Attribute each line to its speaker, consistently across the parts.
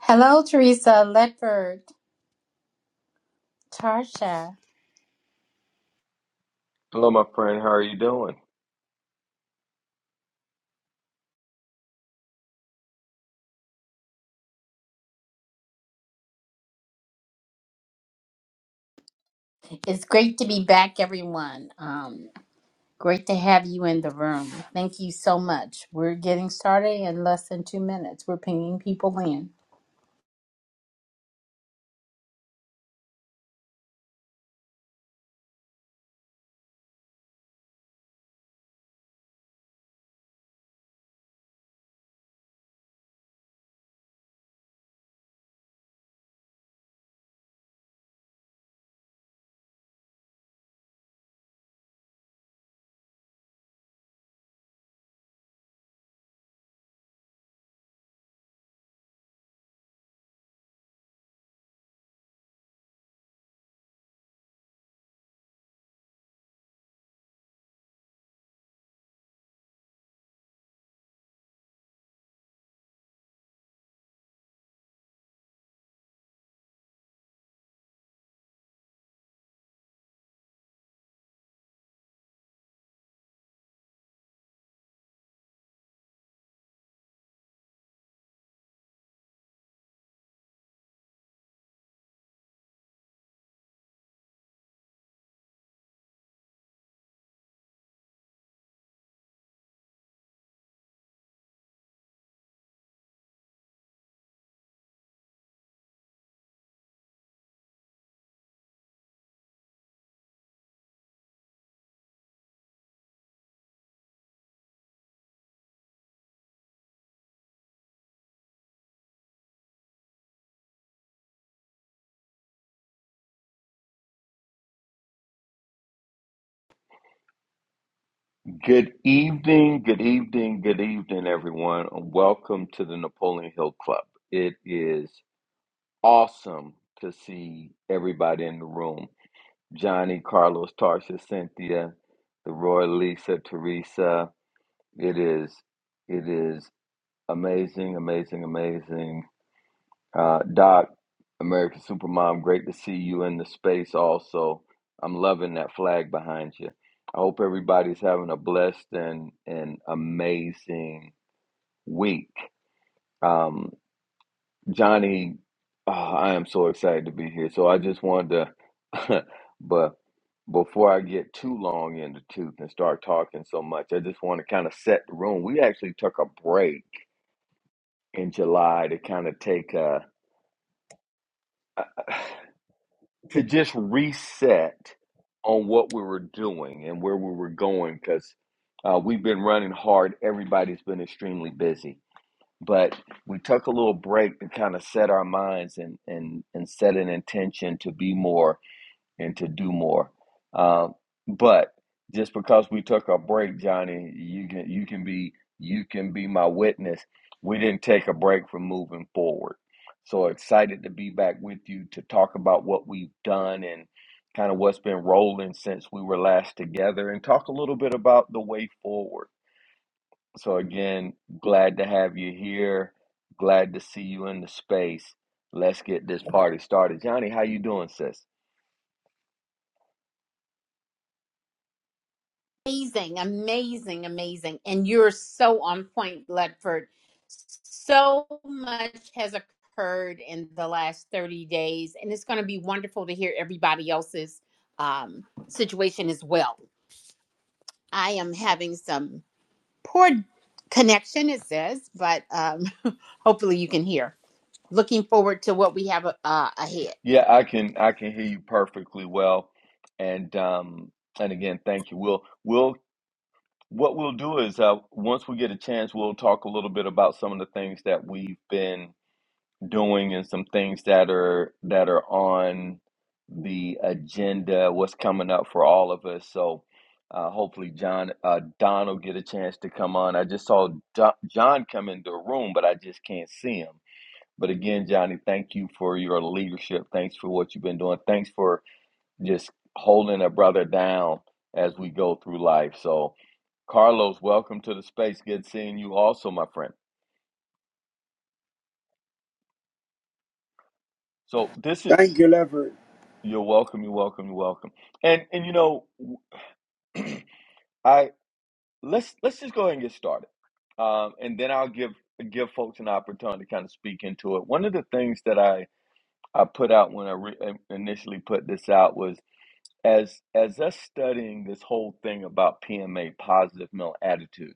Speaker 1: Hello, Teresa, Ledford, Tarsha.
Speaker 2: Hello, my friend. How are you doing?
Speaker 1: It's great to be back, everyone. Um, great to have you in the room. Thank you so much. We're getting started in less than two minutes. We're pinging people in.
Speaker 2: Good evening, good evening, good evening, everyone, and welcome to the Napoleon Hill Club. It is awesome to see everybody in the room Johnny, Carlos, Tarsha, Cynthia, the Roy, Lisa, Teresa. It is, it is amazing, amazing, amazing Uh, Doc, American Supermom, great to see you in the space also. I'm loving that flag behind you. I hope everybody's having a blessed and, and amazing week. Um, Johnny, ah, I am so excited to be here. So I just wanted to, but before I get too long in the tooth and start talking so much, I just want to kind of set the room. We actually took a break in July to kind of take a to just reset on what we were doing and where we were going because uh, we've been running hard. Everybody's been extremely busy, but we took a little break to kind of set our minds and and and set an intention to be more and to do more. Um, but just because we took a break, Johnny, you can you can be you can be my witness. We didn't take a break from moving forward. So excited to be back with you to talk about what we've done and kind of what's been rolling since we were last together and talk a little bit about the way forward. So again, glad to have you here. Glad to see you in the space. Let's get this party started. Johnny, how you doing, sis?
Speaker 1: Amazing, amazing, amazing. And you're so on point, Ledford. So much has occurred in the last 30 days, and it's going to be wonderful to hear everybody else's um, situation as well. I am having some. Poor connection, it says, but um, hopefully you can hear. Looking forward to what we have uh, ahead.
Speaker 2: Yeah, I can I can hear you perfectly well. And um and again, thank you. We'll we'll what we'll do is uh once we get a chance, we'll talk a little bit about some of the things that we've been doing and some things that are that are on the agenda, what's coming up for all of us. So uh hopefully John uh Don will get a chance to come on. I just saw Don, John come into the room, but I just can't see him. But again, Johnny, thank you for your leadership. Thanks for what you've been doing. Thanks for just holding a brother down as we go through life. So, Carlos, welcome to the space. Good seeing you also, my friend. So, this is
Speaker 3: Thank you, Leopard.
Speaker 2: you're welcome, you're welcome, you're welcome. And and you know, I let's let's just go ahead and get started. Um, and then I'll give give folks an opportunity to kind of speak into it. One of the things that I I put out when I re- initially put this out was as as us studying this whole thing about PMA positive male attitude,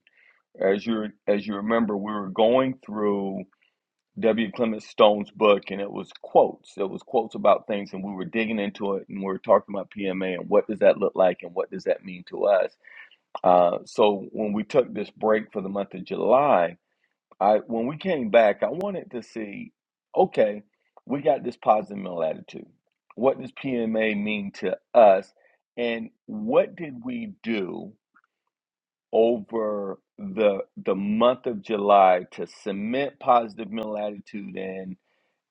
Speaker 2: as you as you remember, we were going through W. Clement Stone's book, and it was quotes. It was quotes about things, and we were digging into it, and we were talking about PMA and what does that look like, and what does that mean to us. Uh, so when we took this break for the month of July, I when we came back, I wanted to see, okay, we got this positive mental attitude. What does PMA mean to us? And what did we do over the the month of July to cement positive mental attitude and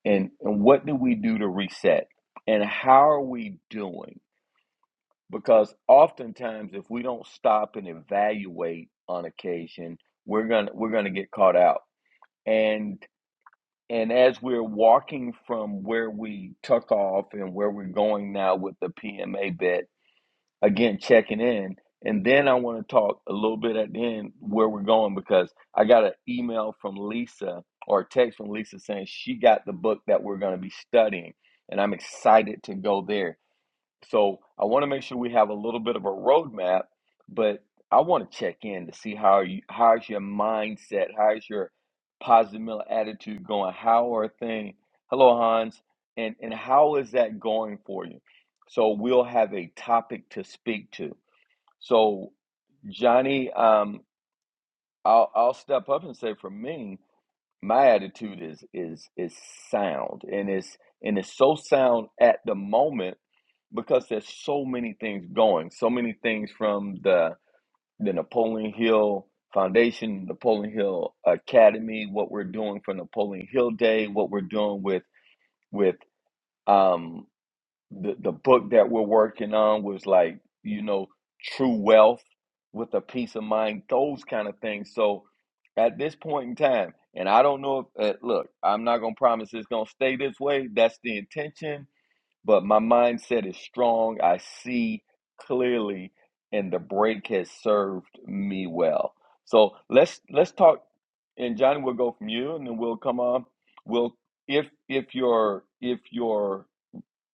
Speaker 2: and, and what do we do to reset? And how are we doing? Because oftentimes if we don't stop and evaluate on occasion, we're gonna we're gonna get caught out. And And as we're walking from where we took off and where we're going now with the PMA bet, again, checking in. And then I want to talk a little bit at the end where we're going because I got an email from Lisa or a text from Lisa saying she got the book that we're going to be studying. And I'm excited to go there so I want to make sure we have a little bit of a roadmap, but I want to check in to see how you how's your mindset, how's your positive mental attitude going, how are things? Hello, Hans, and and how is that going for you? So we'll have a topic to speak to. So Johnny, um, I'll I'll step up and say for me my attitude is is is sound and it's and it's so sound at the moment because there's so many things going so many things from the the napoleon hill foundation napoleon hill academy what we're doing for napoleon hill day what we're doing with with um the the book that we're working on was like you know true wealth with a peace of mind those kind of things so at this point in time and i don't know if uh, look i'm not gonna promise it's gonna stay this way that's the intention but my mindset is strong i see clearly and the break has served me well so let's let's talk and johnny we will go from you and then we'll come on we'll if if your if your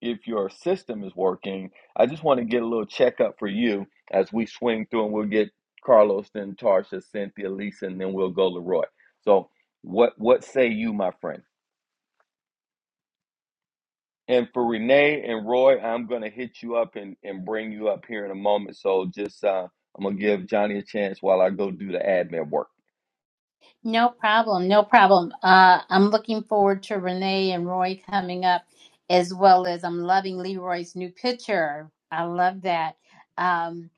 Speaker 2: if your system is working. I just want to get a little checkup for you as we swing through and we'll get Carlos, then Tarsha, Cynthia, Lisa, and then we'll go to Roy. So what what say you, my friend? And for Renee and Roy, I'm gonna hit you up and, and bring you up here in a moment. So just uh, I'm gonna give Johnny a chance while I go do the admin work.
Speaker 1: No problem, no problem. Uh, I'm looking forward to Renee and Roy coming up, as well as I'm loving Leroy's new picture. I love that. Um,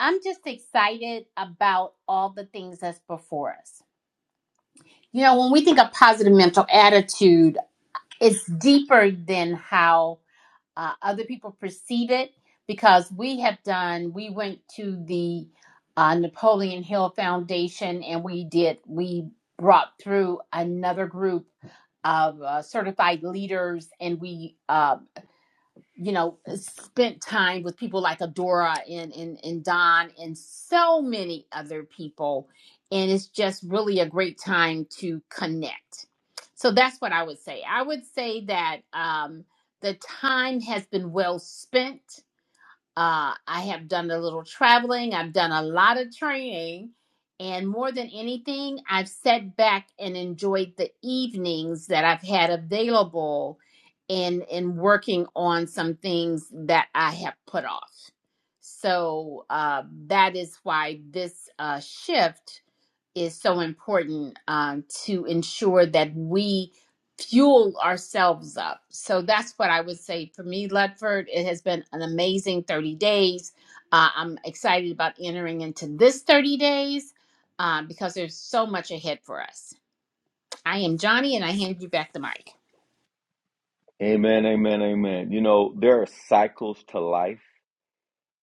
Speaker 1: I'm just excited about all the things that's before us. You know, when we think of positive mental attitude, it's deeper than how uh, other people perceive it because we have done we went to the uh, napoleon hill foundation and we did we brought through another group of uh, certified leaders and we uh, you know, spent time with people like Adora and, and, and Don and so many other people. And it's just really a great time to connect. So that's what I would say. I would say that um, the time has been well spent uh, I have done a little traveling. I've done a lot of training. And more than anything, I've sat back and enjoyed the evenings that I've had available in, in working on some things that I have put off. So uh, that is why this uh, shift is so important um, to ensure that we fuel ourselves up. So that's what I would say for me, Ludford. It has been an amazing 30 days. Uh, I'm excited about entering into this 30 days uh, because there's so much ahead for us. I am Johnny, and I hand you back the mic.
Speaker 2: Amen, amen, amen. You know, there are cycles to life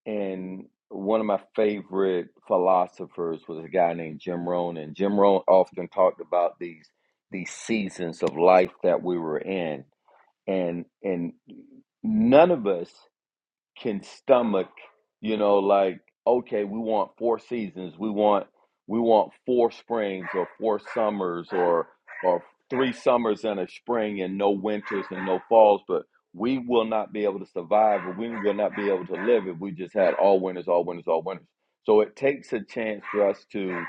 Speaker 2: And one of my favorite philosophers was a guy named Jim Rohn, and Jim Rohn often talked about these these seasons of life that we were in, and and none of us can stomach, you know, like, okay, we want four seasons, we want we want four springs or four summers or or three summers and a spring and no winters and no falls, but we will not be able to survive or we will not be able to live if we just had all winters, all winters, all winters. So it takes a chance for us to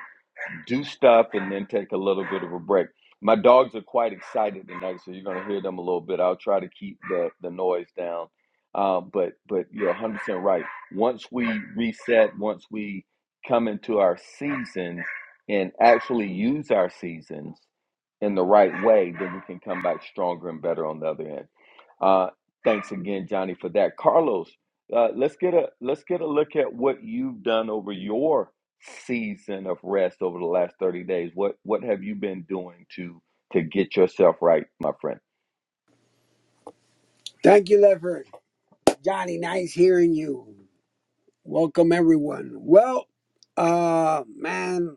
Speaker 2: do stuff and then take a little bit of a break. My dogs are quite excited tonight, so you're going to hear them a little bit. I'll try to keep the, the noise down. Uh, but but you're 100% right. Once we reset, once we come into our season and actually use our seasons in the right way, then we can come back stronger and better on the other end. Uh, thanks again, Johnny, for that. Carlos, uh, let's get a let's get a look at what you've done over your season of rest over the last 30 days what what have you been doing to to get yourself right my friend
Speaker 3: Thank you, Leopard. Johnny, nice hearing you. Welcome, everyone. Well, uh, man,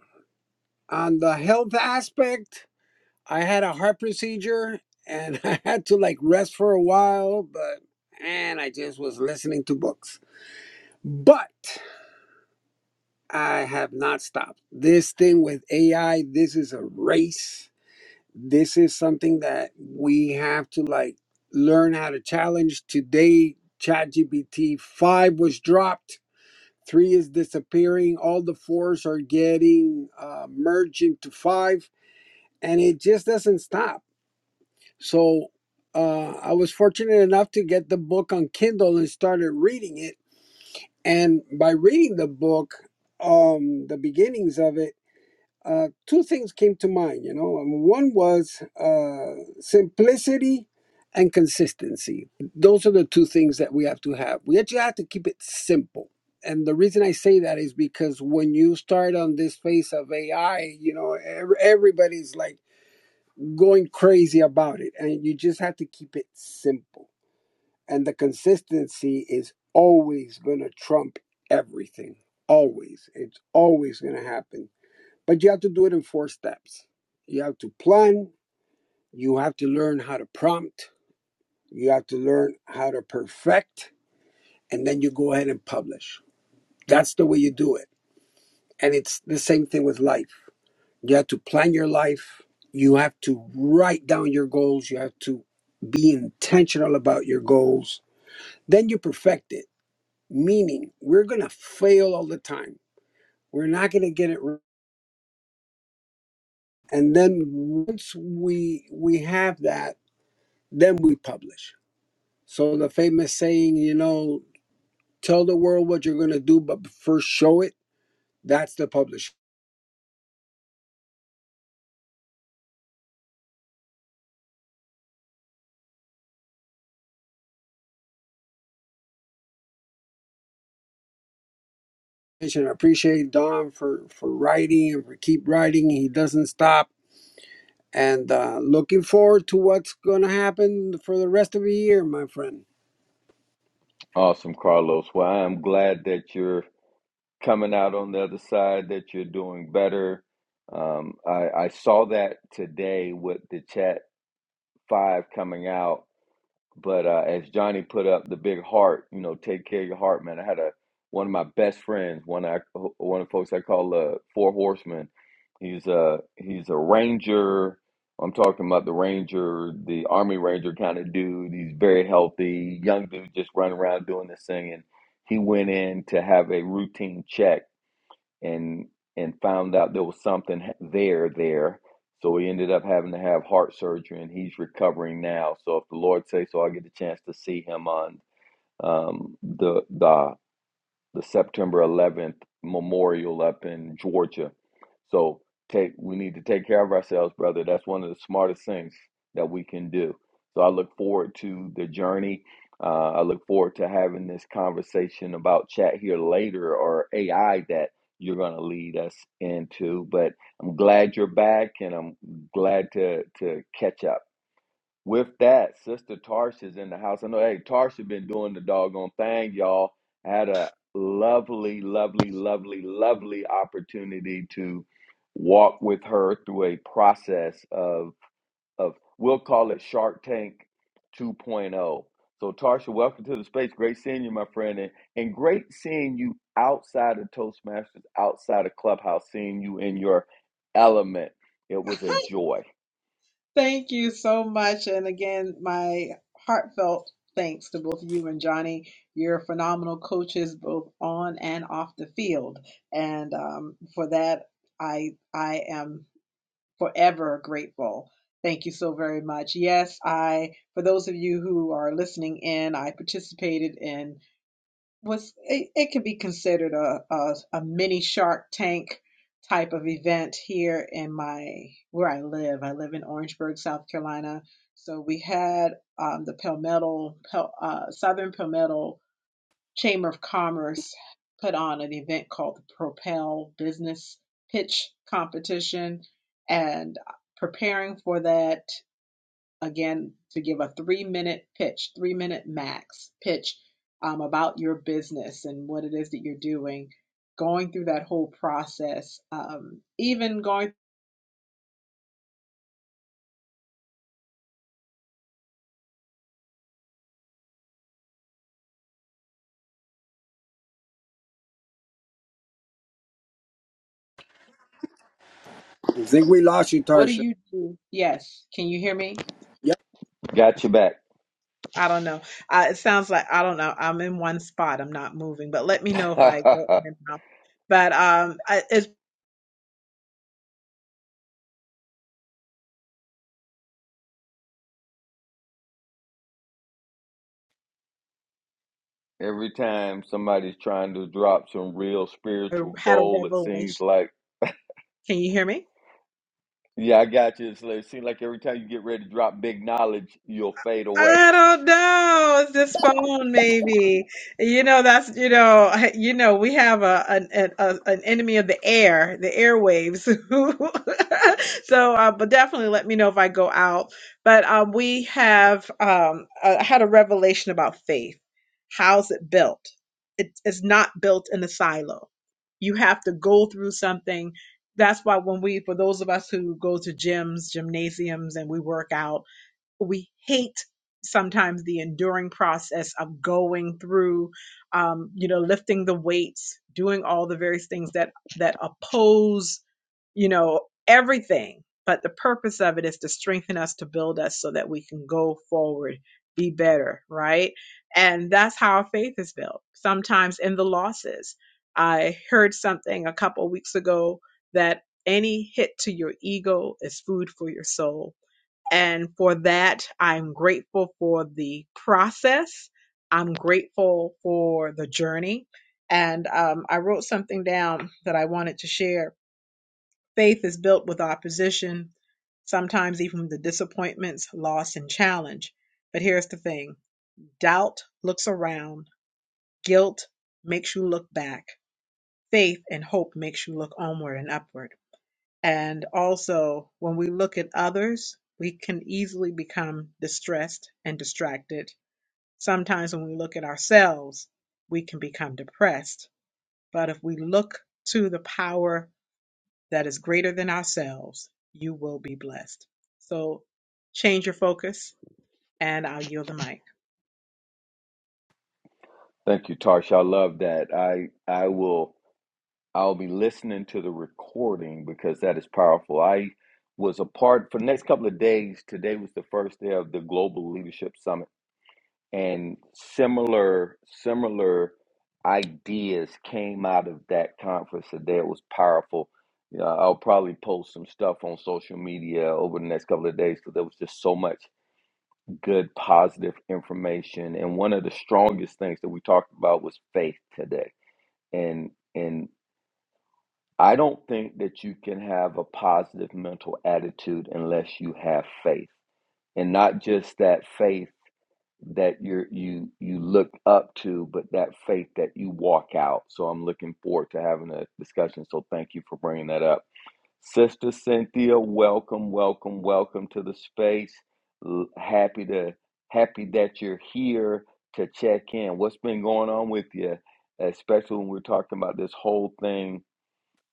Speaker 3: on the health aspect, I had a heart procedure and I had to like rest for a while, but and I just was listening to books. But I have not stopped. This thing with AI, this is a race. this is something that we have to like learn how to challenge today chatgpt 5 was dropped 3 is disappearing all the 4s are getting uh, merged into 5 and it just doesn't stop so uh, i was fortunate enough to get the book on kindle and started reading it and by reading the book um the beginnings of it uh, two things came to mind, you know. And One was uh, simplicity and consistency. Those are the two things that we have to have. We actually have to keep it simple. And the reason I say that is because when you start on this phase of AI, you know, ev- everybody's like going crazy about it. And you just have to keep it simple. And the consistency is always going to trump everything. Always. It's always going to happen but you have to do it in four steps. You have to plan, you have to learn how to prompt, you have to learn how to perfect, and then you go ahead and publish. That's the way you do it. And it's the same thing with life. You have to plan your life, you have to write down your goals, you have to be intentional about your goals. Then you perfect it, meaning we're going to fail all the time. We're not going to get it right. And then once we we have that, then we publish So the famous saying, you know, tell the world what you're gonna do, but first show it. That's the publishing. I appreciate Don for for writing and for keep writing. He doesn't stop. And uh, looking forward to what's gonna happen for the rest of the year, my friend.
Speaker 2: awesome carlos well i'm glad that you're coming out on the other side that you're doing better um, I, I saw that today with the chat five coming out But uh, as Johnny put up the big heart, you know, take care of your heart, man. I had a one of my best friends, one I one of the folks I call uh, Four Horsemen. He's a he's a ranger. I'm talking about the ranger, the army ranger kind of dude. He's very healthy, young dude, just running around doing this thing. And he went in to have a routine check and and found out there was something h- there there so he ended up having to have heart surgery and he's recovering now so if the lord says so i get a chance to see him on um the the the September 11th memorial up in Georgia. So take we need to take care of ourselves, brother. That's one of the smartest things that we can do. So I look forward to the journey. Uh, I look forward to having this conversation about chat here later or AI that you're going to lead us into. But I'm glad you're back, and I'm glad to to catch up. With that, Sister Tarsh is in the house. I know, hey, Tarsh been doing the doggone thing, y'all. Had a lovely, lovely, lovely, lovely opportunity to walk with her through a process of, of we'll call it Shark Tank 2.0. So, Tarsha, welcome to the space. Great seeing you, my friend, and, and great seeing you outside of Toastmasters, outside of Clubhouse, seeing you in your element. It was a joy.
Speaker 4: Thank you so much. And again, my heartfelt thanks to both you and Johnny. You're phenomenal coaches, both on and off the field. And um, for that, I I am forever grateful. Thank you so very much. Yes, I for those of you who are listening in, I participated in was it, it could be considered a, a a mini Shark Tank type of event here in my where I live. I live in Orangeburg, South Carolina. So we had um, the Palmetto Pel, uh, Southern Palmetto Chamber of Commerce put on an event called the Propel Business Pitch Competition, and preparing for that again to give a three minute pitch, three minute max pitch um, about your business and what it is that you're doing, going through that whole process, um, even going,
Speaker 3: I think we lost you,
Speaker 4: what do
Speaker 3: Tarsha.
Speaker 4: you do? Yes, can you hear me?
Speaker 3: Yep,
Speaker 2: Got your back.
Speaker 4: I don't know. I, it sounds like I don't know. I'm in one spot. I'm not moving, but let me know if I go in and out. But um, I, it's
Speaker 2: Every time somebody's trying to drop some real
Speaker 4: I
Speaker 2: spiritual
Speaker 4: had a
Speaker 2: goal, it seems
Speaker 4: revelation.
Speaker 2: like,
Speaker 4: Can you hear me?
Speaker 2: yeah, I got you. It's like- It seems like every time you get ready to drop big knowledge, you'll fade away.
Speaker 4: I don't know. It's this phone, maybe. You know, that's you know, you know, we have a an an, a, an enemy of the air, the airwaves. so, uh, but definitely let me know if I go out. But um, we have um, uh, I had a revelation about faith. How's it built? It is not built in a silo. You have to go through something. That's why when we, for those of us who go to gyms, gymnasiums, and we work out we hate sometimes the enduring process of going through um, you know lifting the weights doing all the various things that that oppose you know everything but the purpose of it is to strengthen us to build us so that we can go forward be better right and that's how our faith is built sometimes in the losses i heard something a couple weeks ago that any hit to your ego is food for your soul and for that, I'm grateful for the process. I'm grateful for the journey. And um, I wrote something down that I wanted to share. Faith is built with opposition, sometimes even the disappointments, loss, and challenge. But here's the thing doubt looks around, guilt makes you look back, faith and hope makes you look onward and upward. And also, when we look at others, we can easily become distressed and distracted. Sometimes, when we look at ourselves, we can become depressed. But if we look to the power that is greater than ourselves, you will be blessed. So, change your focus, and I'll yield the mic.
Speaker 2: Thank you, Tarsha. I love that. I I will I'll be listening to the recording because that is powerful. I was a part for the next couple of days. Today was the first day of the Global Leadership Summit and similar similar ideas came out of that conference today. It was powerful. Yeah, I'll probably post some stuff on social media over the next couple of days because there was just so much good, positive information. And one of the strongest things that we talked about was faith today. And and I don't think that you can have a positive mental attitude unless you have faith, and not just that faith that you you you look up to, but that faith that you walk out. So I'm looking forward to having a discussion. So thank you for bringing that up, Sister Cynthia. Welcome, welcome, welcome to the space. L- Happy to happy that you're here to check in. What's been going on with you, especially when we're talking about this whole thing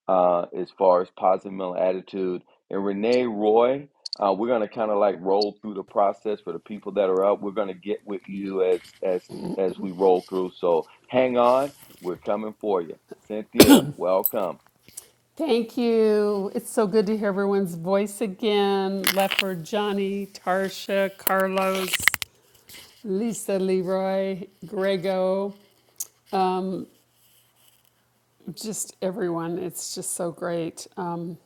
Speaker 2: uh, as far as positive mental attitude. And Renee Roy, uh, we're going to kind of like roll through the process for the people that are up. We're going to get with you as as as we roll through. So hang on, we're coming for you. Cynthia, welcome.
Speaker 5: Thank you. It's so good to hear everyone's voice again. Leopard, Johnny, Tarsha, Carlos, Lisa, Leroy, Grego, just everyone. It's just so great. Um,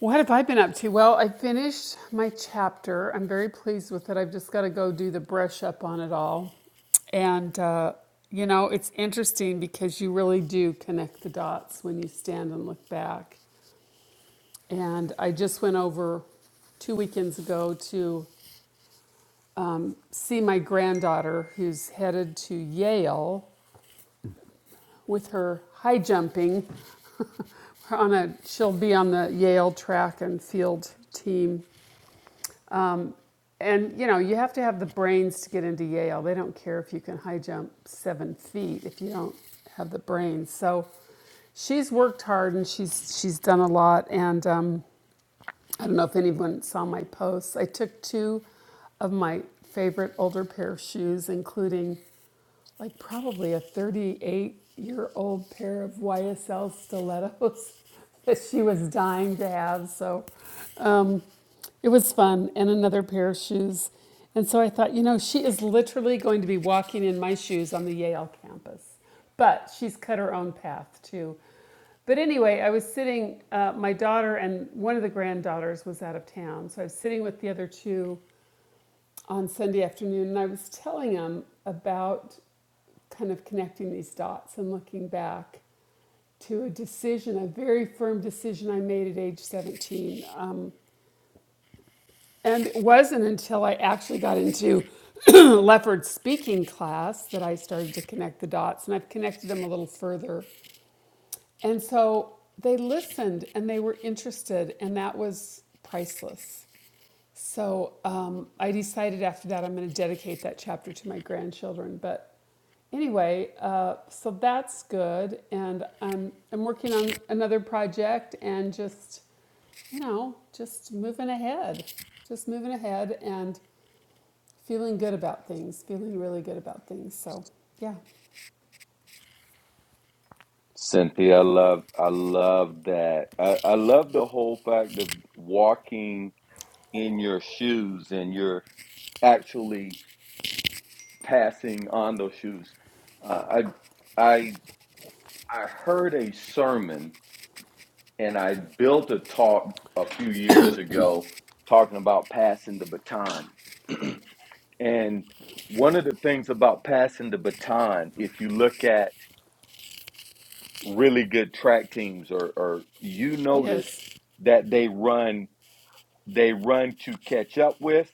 Speaker 5: what have I been up to? Well, I finished my chapter. I'm very pleased with it. I've just got to go do the brush up on it all. And, uh, you know, it's interesting because you really do connect the dots when you stand and look back. And I just went over two weekends ago to see my granddaughter, who's headed to Yale with her high jumping. We're on a, she'll be on the Yale track and field team. And you know, you have to have the brains to get into Yale. They don't care if you can high jump seven feet if you don't have the brains. So she's worked hard and she's she's done a lot. And um, I don't know if anyone saw my posts. I took two of my favorite older pair of shoes, including like probably a 38 year old pair of YSL stilettos that she was dying to have. So um, it was fun, and another pair of shoes. And so I thought, you know, she is literally going to be walking in my shoes on the Yale campus. But she's cut her own path too. But anyway, I was sitting, uh, my daughter and one of the granddaughters was out of town. So I was sitting with the other two on Sunday afternoon and I was telling them about kind of connecting these dots and looking back to a decision, a very firm decision I made at age 17. Um, and it wasn't until I actually got into Lefford's speaking class that I started to connect the dots, and I've connected them a little further. And so they listened and they were interested, and that was priceless. So um, I decided after that I'm going to dedicate that chapter to my grandchildren. But anyway, uh, so that's good. And I'm, I'm working on another project and just, you know, just moving ahead, just moving ahead and feeling good about things, feeling really good about things. So, yeah.
Speaker 2: Cynthia, I love I love that. I, I love the whole fact of walking in your shoes and you're actually passing on those shoes. Uh, I I I heard a sermon and I built a talk a few years ago talking about passing the baton. And one of the things about passing the baton, if you look at really good track teams or, or you notice
Speaker 5: Yes.
Speaker 2: that they run they run to catch up with,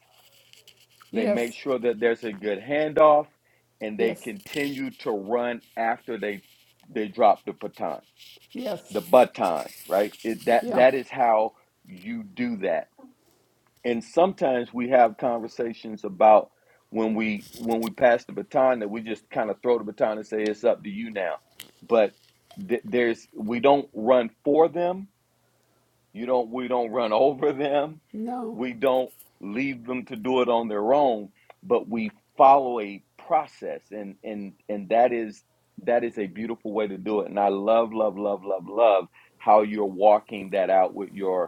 Speaker 2: they make
Speaker 5: Yes.
Speaker 2: sure that there's a good handoff, and they
Speaker 5: Yes.
Speaker 2: continue to run after they they drop the baton.
Speaker 5: Yes.
Speaker 2: The baton, right? It, that
Speaker 5: Yeah.
Speaker 2: that is how you do that and sometimes we have conversations about when we when we pass the baton that we just kind of throw the baton and say it's up to you now but th- there's we don't run for them you don't we don't run over them
Speaker 5: No.
Speaker 2: we don't leave them to do it on their own but we follow a process and and and that is that is a beautiful way to do it and i love love love love love how you're walking that out with your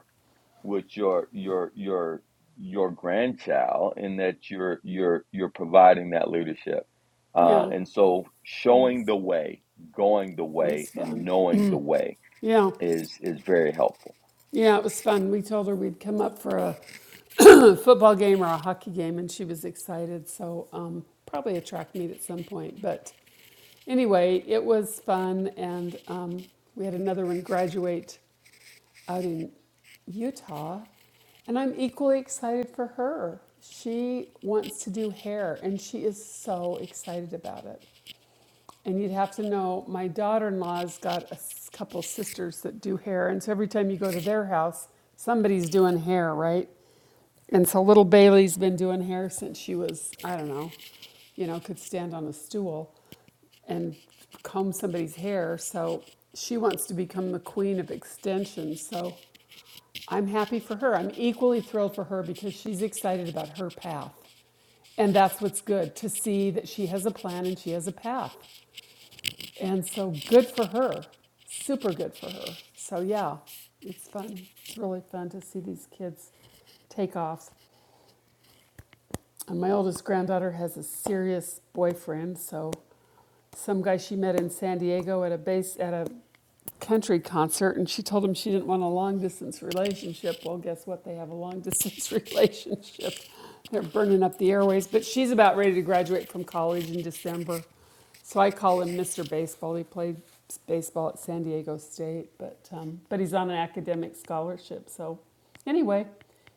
Speaker 2: with your your your your grandchild in that you're you're you're providing that leadership uh,
Speaker 5: Yeah.
Speaker 2: and so
Speaker 5: It
Speaker 2: showing the way going the
Speaker 5: was
Speaker 2: way and
Speaker 5: fun.
Speaker 2: knowing the way
Speaker 5: Yeah.
Speaker 2: is is very helpful
Speaker 5: Yeah, it was fun. We told her we'd come up for a football game or a hockey game, and she was excited. So, um, probably a track meet at some point. But anyway, it was fun. And um, we had another one graduate out in Utah. And I'm equally excited for her. She wants to do hair, and she is so excited about it. And you'd have to know my daughter in law's got a couple sisters that do hair. And so every time you go to their house, somebody's doing hair, right? And so little Bailey's been doing hair since she was, I don't know, you know, could stand on a stool and comb somebody's hair. So she wants to become the queen of extensions. So I'm happy for her. I'm equally thrilled for her because she's excited about her path. And that's what's good to see that she has a plan and she has a path. And so good for her, super good for her. So yeah, it's fun. It's really fun to see these kids take off. And my oldest granddaughter has a serious boyfriend, so some guy she met in San Diego at a base at a country concert and she told him she didn't want a long distance relationship. Well, guess what? They have a long distance relationship. They're burning up the airways, but she's about ready to graduate from college in December. So I call him Mr. Baseball. He played baseball at San Diego State, but um, but he's on an academic scholarship. So anyway,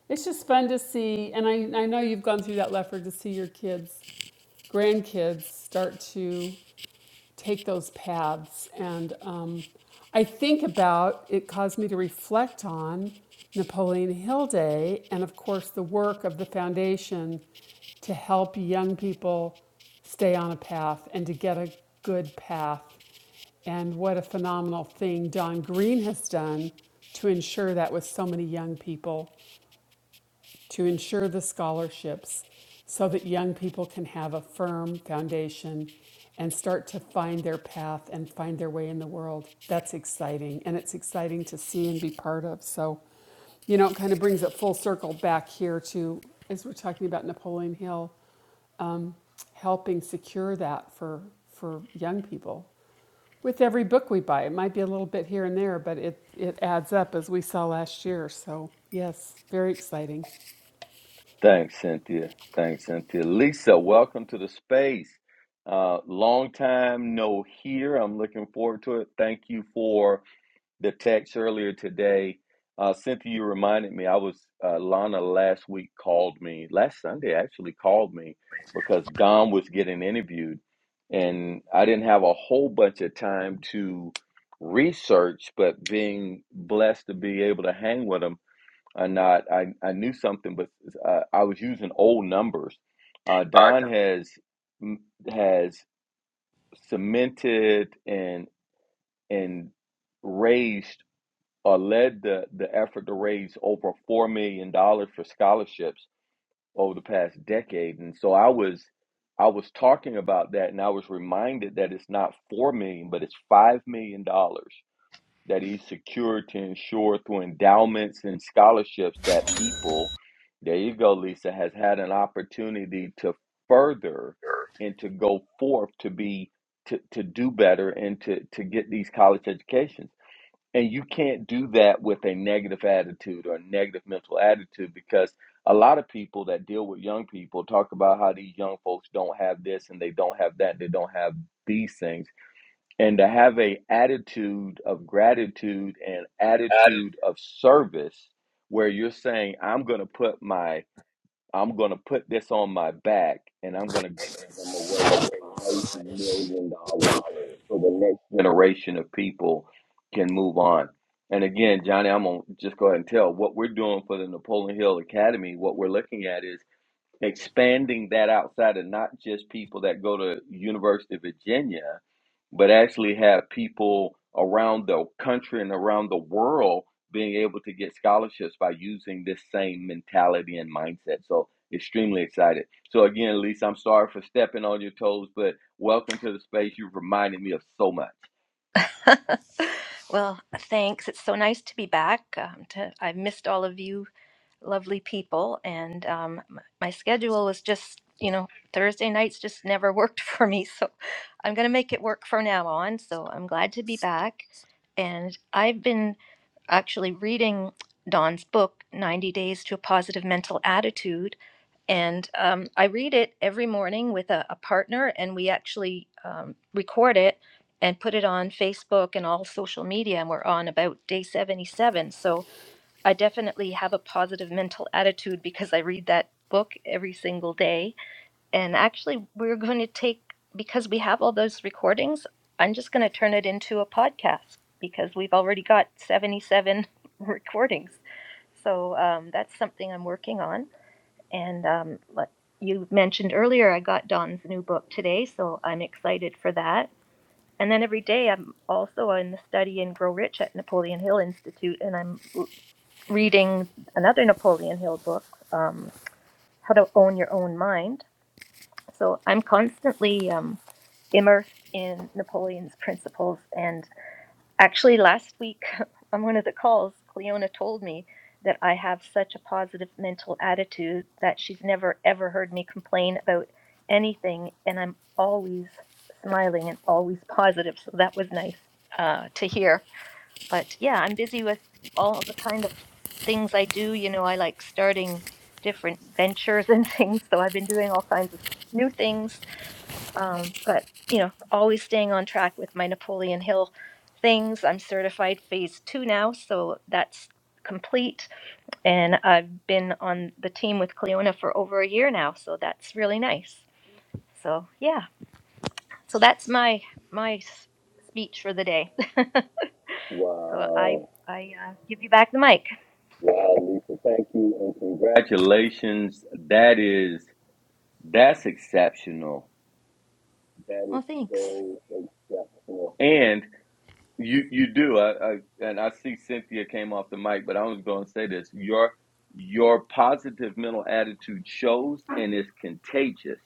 Speaker 5: it's just fun to see, and I, I know you've gone through that, Lefford, to see your kids, grandkids start to take those paths. And um, I think about it caused me to reflect on Napoleon Hill Day and, of course, the work of the foundation to help young people stay on a path and to get a good path. And what a phenomenal thing Don Green has done to ensure that with so many young people to ensure the scholarships so that young people can have a firm foundation and start to find their path and find their way in the world. That's exciting. And it's exciting to see and be part of. So, you know, it kind of brings it full circle back here to, as we're talking about Napoleon Hill, helping secure that for, for young people. With every book we buy, it might be a little bit here and there, but it, it adds up as we saw last year. So, yes, very exciting.
Speaker 2: thanks cynthia thanks cynthia lisa welcome to the space uh, long time no here i'm looking forward to it thank you for the text earlier today. Uh, Cynthia, you reminded me. I was uh, Lana last week called me last Sunday actually called me because Don was getting interviewed, and I didn't have a whole bunch of time to research. But being blessed to be able to hang with him or not, I I knew something, but uh, I was using old numbers. Uh,
Speaker 6: Uh,
Speaker 2: Don has mm, has cemented and and raised uh, led the, the effort to raise over $4 million dollars for scholarships over the past decade. And so I was, I was talking about that and I was reminded that it's not 4 million, dollars, but it's $5 million dollars that he's secured to ensure through endowments and scholarships that people, there you go, Lisa, has had an opportunity to further
Speaker 6: Dr.
Speaker 2: and to go forth to be, to, to do better and to, to get these college educations. And you can't do that with a negative attitude or a negative mental attitude because a lot of people that deal with young people talk about how these young folks don't have this and they don't have that, they don't have these things. And to have a attitude of gratitude and attitude of service where you're saying, I'm gonna put my I'm gonna put this on my back and I'm gonna generation of people can move on. And again, Johnny, I'm gonna just go ahead and tell what we're doing for the Napoleon Hill Academy. What we're looking at is expanding that outside of not just people that go to University of Virginia, but actually have people around the country and around the world being able to get scholarships by using this same mentality and mindset. So extremely excited. So again, Lisa, I'm sorry for stepping on your toes, but welcome to the space. You've reminded me of so much.
Speaker 6: Well, thanks. It's so nice to be back. Um, to, I've missed all of you lovely people, and um, m- my schedule was just, you know, Thursday nights just never worked for me. So I'm going to make it work from now on. So I'm glad to be back. And I've been actually reading Don's book, 90 Days to a Positive Mental Attitude. And um, I read it every morning with a, a partner, and we actually um, record it and put it on Facebook and all social media. And we're on about day 77. So I definitely have a positive mental attitude because I read that book every single day. And actually, we're going to take, because we have all those recordings, I'm just going to turn it into a podcast because we've already got 77 recordings. So um, that's something I'm working on. And um, like you mentioned earlier, I got Don's new book today, so I'm excited for that. And then every day I'm also in the study and grow rich at Napoleon Hill Institute, and I'm reading another Napoleon Hill book, um, How to Own Your Own Mind. So I'm constantly um, immersed in Napoleon's principles. And actually, last week on one of the calls, Cleona told me that I have such a positive mental attitude that she's never ever heard me complain about anything. And I'm always smiling and always positive. So that was nice uh, to hear but yeah, I'm busy with all the kind of things I do. You know, I like starting different ventures and things, so I've been doing all kinds of new things. Um, but you know, always staying on track with my Napoleon Hill things. I'm certified phase two now, so that's complete. And I've been on the team with Cleona for over a year now, so that's really nice. So yeah, so that's my my s- speech for the day. so I I uh, give you back the mic.
Speaker 2: Wow, Lisa, thank you and congratulations. That is that's exceptional. That
Speaker 6: Well,
Speaker 2: is
Speaker 6: thanks.
Speaker 2: so exceptional. And you you do. I, I and I see Cynthia came off the mic, but I was going to say this. Your your positive mental attitude shows and is contagious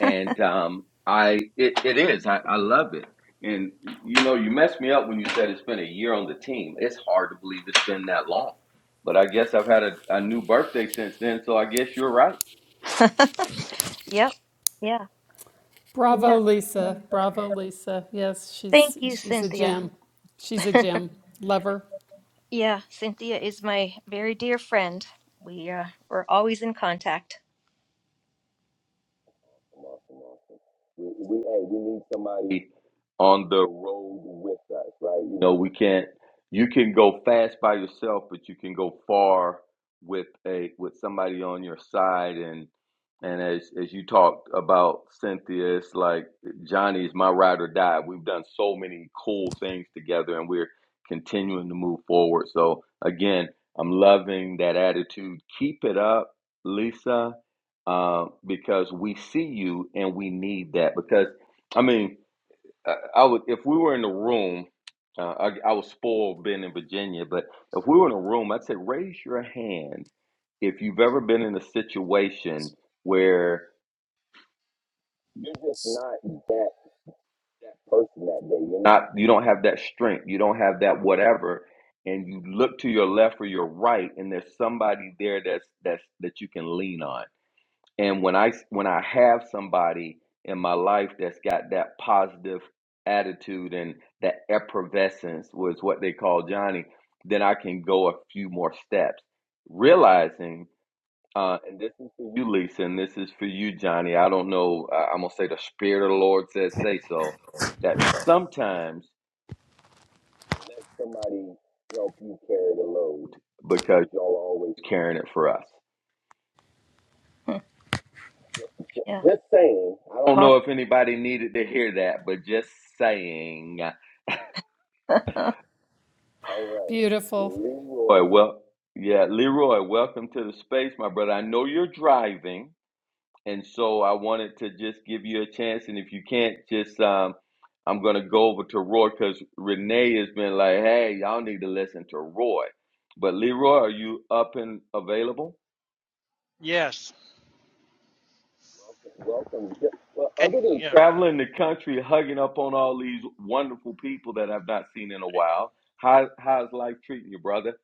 Speaker 2: and um, I it, it is I, I love it. And you know, you messed me up when you said it's been a year on the team. It's hard to believe it's been that long, but I guess I've had a, a new birthday since then. So I guess you're right.
Speaker 6: yep. Yeah. So
Speaker 5: Bravo,
Speaker 6: yeah.
Speaker 5: Lisa. Bravo, Lisa. Yes, she's
Speaker 6: Thank you,
Speaker 5: she's a
Speaker 6: Cynthia.
Speaker 5: gem. She's a gem. Love her.
Speaker 6: yeah, Cynthia is my very dear friend. We uh, we're always in contact.
Speaker 2: Awesome, awesome, awesome. We, we, hey, we need somebody on the road with us, right? You know, we can't. You can go fast by yourself, but you can go far with a with somebody on your side. And and as as you talked about Cynthia, it's like Johnny is my ride or die. We've done so many cool things together, and we're continuing to move forward. So again, I'm loving that attitude. Keep it up, Lisa uh, because we see you and we need that. Because I mean, I, I would if we were in the room, uh, I, I was spoiled being in Virginia, but if we were in a room, I'd say raise your hand if you've ever been in a situation where you're just not that that person that day. You're not you don't have that strength. You don't have that whatever. And you look to your left or your right, and there's somebody there that's that's that you can lean on And when I when I have somebody in my life that's got that positive attitude and that effervescence was what they call Johnny, then I can go a few more steps, realizing. Uh, and this is for you, Lisa, and this is for you, Johnny. I don't know. Uh, I'm gonna say the Spirit of the Lord says, "Say so." That sometimes let somebody help you carry the load because y'all are always carrying it for us.
Speaker 6: yeah.
Speaker 2: Just saying. I don't I don't.
Speaker 6: Aw-
Speaker 2: know if anybody needed to hear that, but just saying. All right,
Speaker 5: Beautiful.
Speaker 2: Leroy. well, yeah, Leroy, welcome to the space, my brother. I know you're driving, and so I wanted to just give you a chance. And if you can't, just um, I'm gonna go over to Roy because Renee has been like, "Hey, y'all need to listen to Roy." But Leroy, are you up and available?
Speaker 7: Yes.
Speaker 2: Welcome. Yeah, Well,
Speaker 7: Can
Speaker 2: other than
Speaker 7: yeah.
Speaker 2: traveling the country, hugging up on all these wonderful people that I've not seen in a while, how how's life treating you, brother?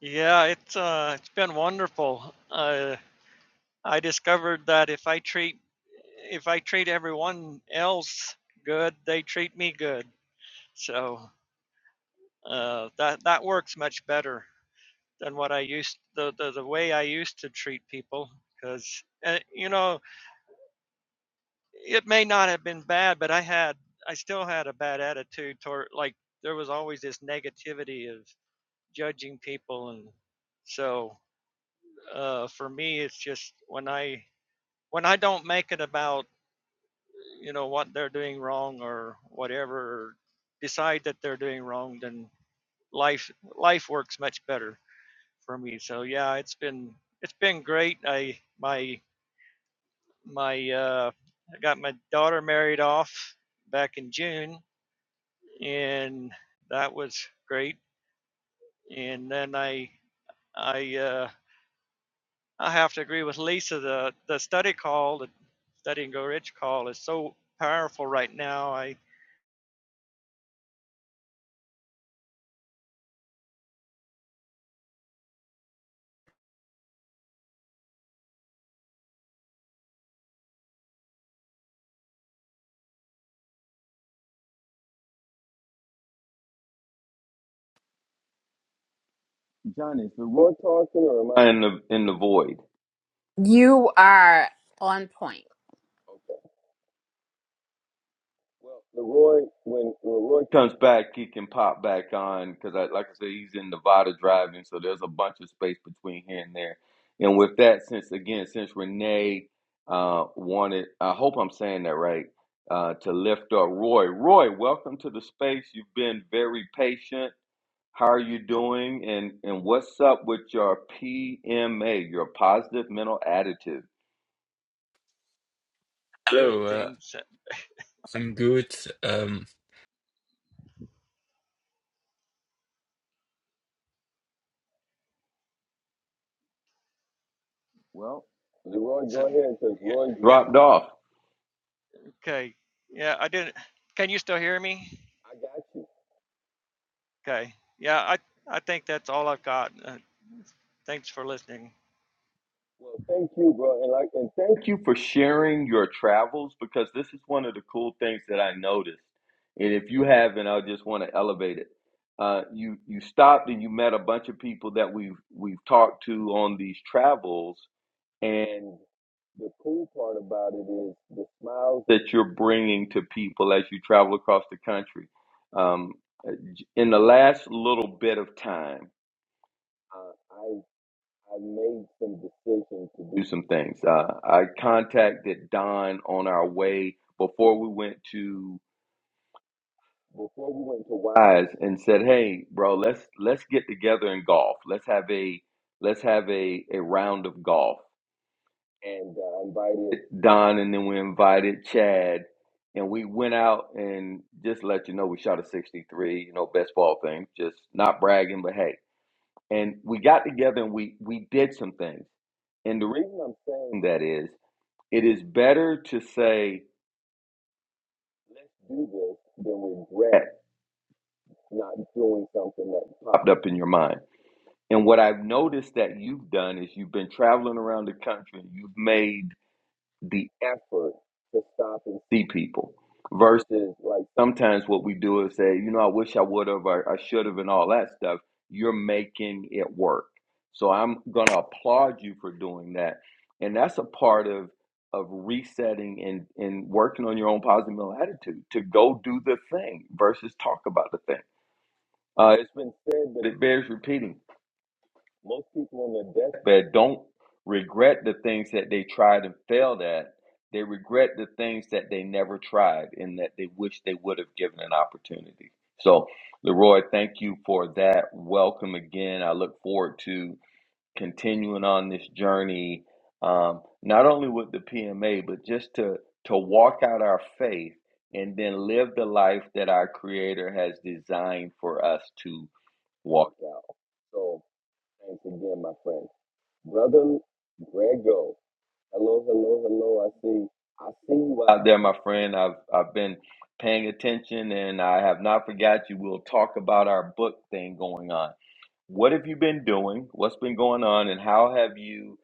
Speaker 7: Yeah, it's uh it's been wonderful. Uh I discovered that if I treat if I treat everyone else good, they treat me good. So uh that that works much better than what I used the the, the way I used to treat people cuz uh, you know, it may not have been bad, but I had I still had a bad attitude toward like there was always this negativity of judging people and so uh, for me, it's just when I when I don't make it about you know what they're doing wrong or whatever, or decide that they're doing wrong, then life life works much better for me. So yeah, it's been it's been great. I my my uh, I got my daughter married off back in June, and that was great. And then I I uh, I have to agree with Lisa. The the study call, the study and go rich call, is so powerful right now. I
Speaker 2: John, is the Lord talking or am I in the in the void?
Speaker 1: You are on point.
Speaker 2: Well, Leroy, when Leroy comes back, he can pop back on because, I, like I said, he's in Nevada driving, so there's a bunch of space between here and there. And with that, since again, since Renee uh, wanted, I hope I'm saying that right, uh, to lift up Roy. Roy, welcome to the space. You've been very patient. How are you doing? And and what's up with your PMA, your positive mental attitude?
Speaker 7: good
Speaker 8: Hello, uh,
Speaker 7: things. that-
Speaker 8: I'm good. Um,
Speaker 2: Well, Leroy, go ahead because
Speaker 7: yeah,
Speaker 2: Roy
Speaker 7: yeah,
Speaker 2: dropped off.
Speaker 7: okay. Yeah, I didn't. Can you still hear me?
Speaker 2: I got you.
Speaker 7: Okay. Yeah, I I think that's all I've got. Uh, thanks for listening.
Speaker 2: Well, thank you, bro, and like, and thank you for sharing your travels because this is one of the cool things that I noticed. And if you haven't, I just want to elevate it. Uh, you you stopped and you met a bunch of people that we've we've talked to on these travels, and the cool part about it is the smiles that you're bringing to people as you travel across the country. Um, in the last little bit of time. I made some decisions to do some things. Uh, I contacted Don on our way before we went to before we went to Wise and said, "Hey, bro, let's let's get together and golf. Let's have a let's have a a round of golf." And uh, invited Don, and then we invited Chad, and we went out and just let you know we shot a sixty three. You know, best ball thing. Just not bragging, but hey and we got together and we we did some things. And the reason I'm saying that is it is better to say let's do this than regret not doing something that popped up in your mind. And what I've noticed that you've done is you've been traveling around the country. You've made the effort to stop and see people versus like sometimes what we do is say, you know, I wish I would have, or I should have, and all that stuff. You're making it work. So I'm going to applaud you for doing that. And that's a part of of resetting and, and working on your own positive mental attitude to go do the thing versus talk about the thing. Uh, it's been said, but it bears repeating most people on their deathbed don't regret the things that they tried and failed at. They regret the things that they never tried and that they wish they would have given an opportunity. So, Leroy, thank you for that. Welcome again. I look forward to continuing on this journey, um, not only with the PMA, but just to, to walk out our faith and then live the life that our Creator has designed for us to walk out. So. Thanks again, my friend. Brother Grego. Hello, hello, hello. I see I see you out there, my friend. I've I've been paying attention and I have not forgot you. We'll talk about our book thing going on. What have you been doing? What's been going on and how have you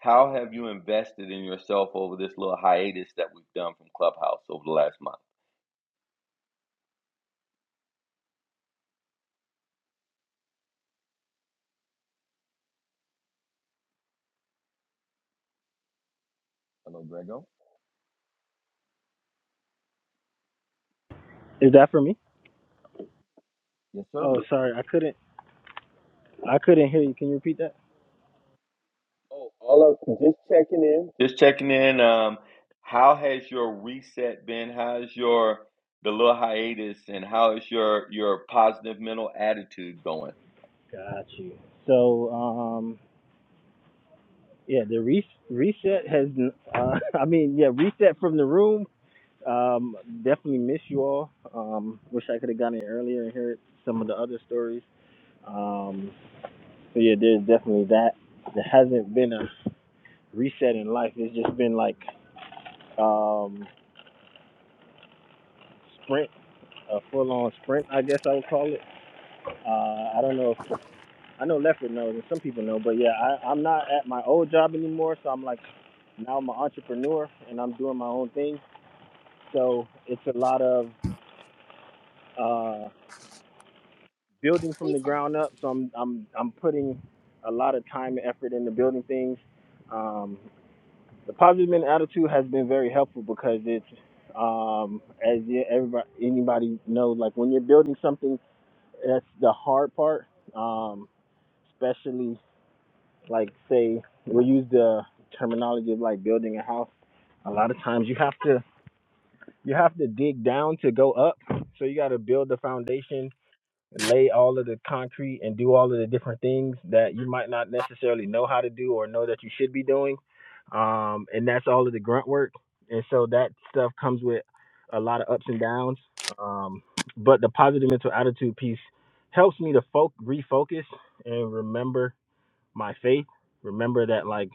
Speaker 2: how have you invested in yourself over this little hiatus that we've done from Clubhouse over the last month? Hello, Grego.
Speaker 9: Is that for me?
Speaker 2: Yes, sir.
Speaker 9: Oh, sorry, I couldn't. I couldn't hear you. Can you repeat that?
Speaker 2: Oh, all of just checking in. Just checking in. Um, how has your reset been? How's your the little hiatus, and how is your your positive mental attitude going?
Speaker 9: Got you. So, um, yeah, the re- reset has. Uh, I mean, yeah, reset from the room. Um, definitely miss you all. Um, wish I could have gotten in earlier and heard some of the other stories. Um, so yeah, there's definitely that. There hasn't been a reset in life. It's just been like um, sprint, a full-on sprint, I guess I would call it. Uh, I don't know I know Lefford knows, and some people know, but yeah, I, I'm not at my old job anymore, so I'm like now I'm an entrepreneur and I'm doing my own thing. So it's a lot of uh, building from the ground up. So I'm I'm I'm putting a lot of time and effort into building things. Um, the positive mental attitude has been very helpful because it's um, as you- everybody anybody knows, like when you're building something, that's the hard part. Um, especially Like say we use the terminology of like building a house. A lot of times you have to you have to dig down to go up. So you got to build the foundation, lay all of the concrete, and do all of the different things that you might not necessarily know how to do or know that you should be doing. Um, and that's all of the grunt work. And so that stuff comes with a lot of ups and downs. Um, but the positive mental attitude piece helps me to fo- refocus and remember my faith. Remember that like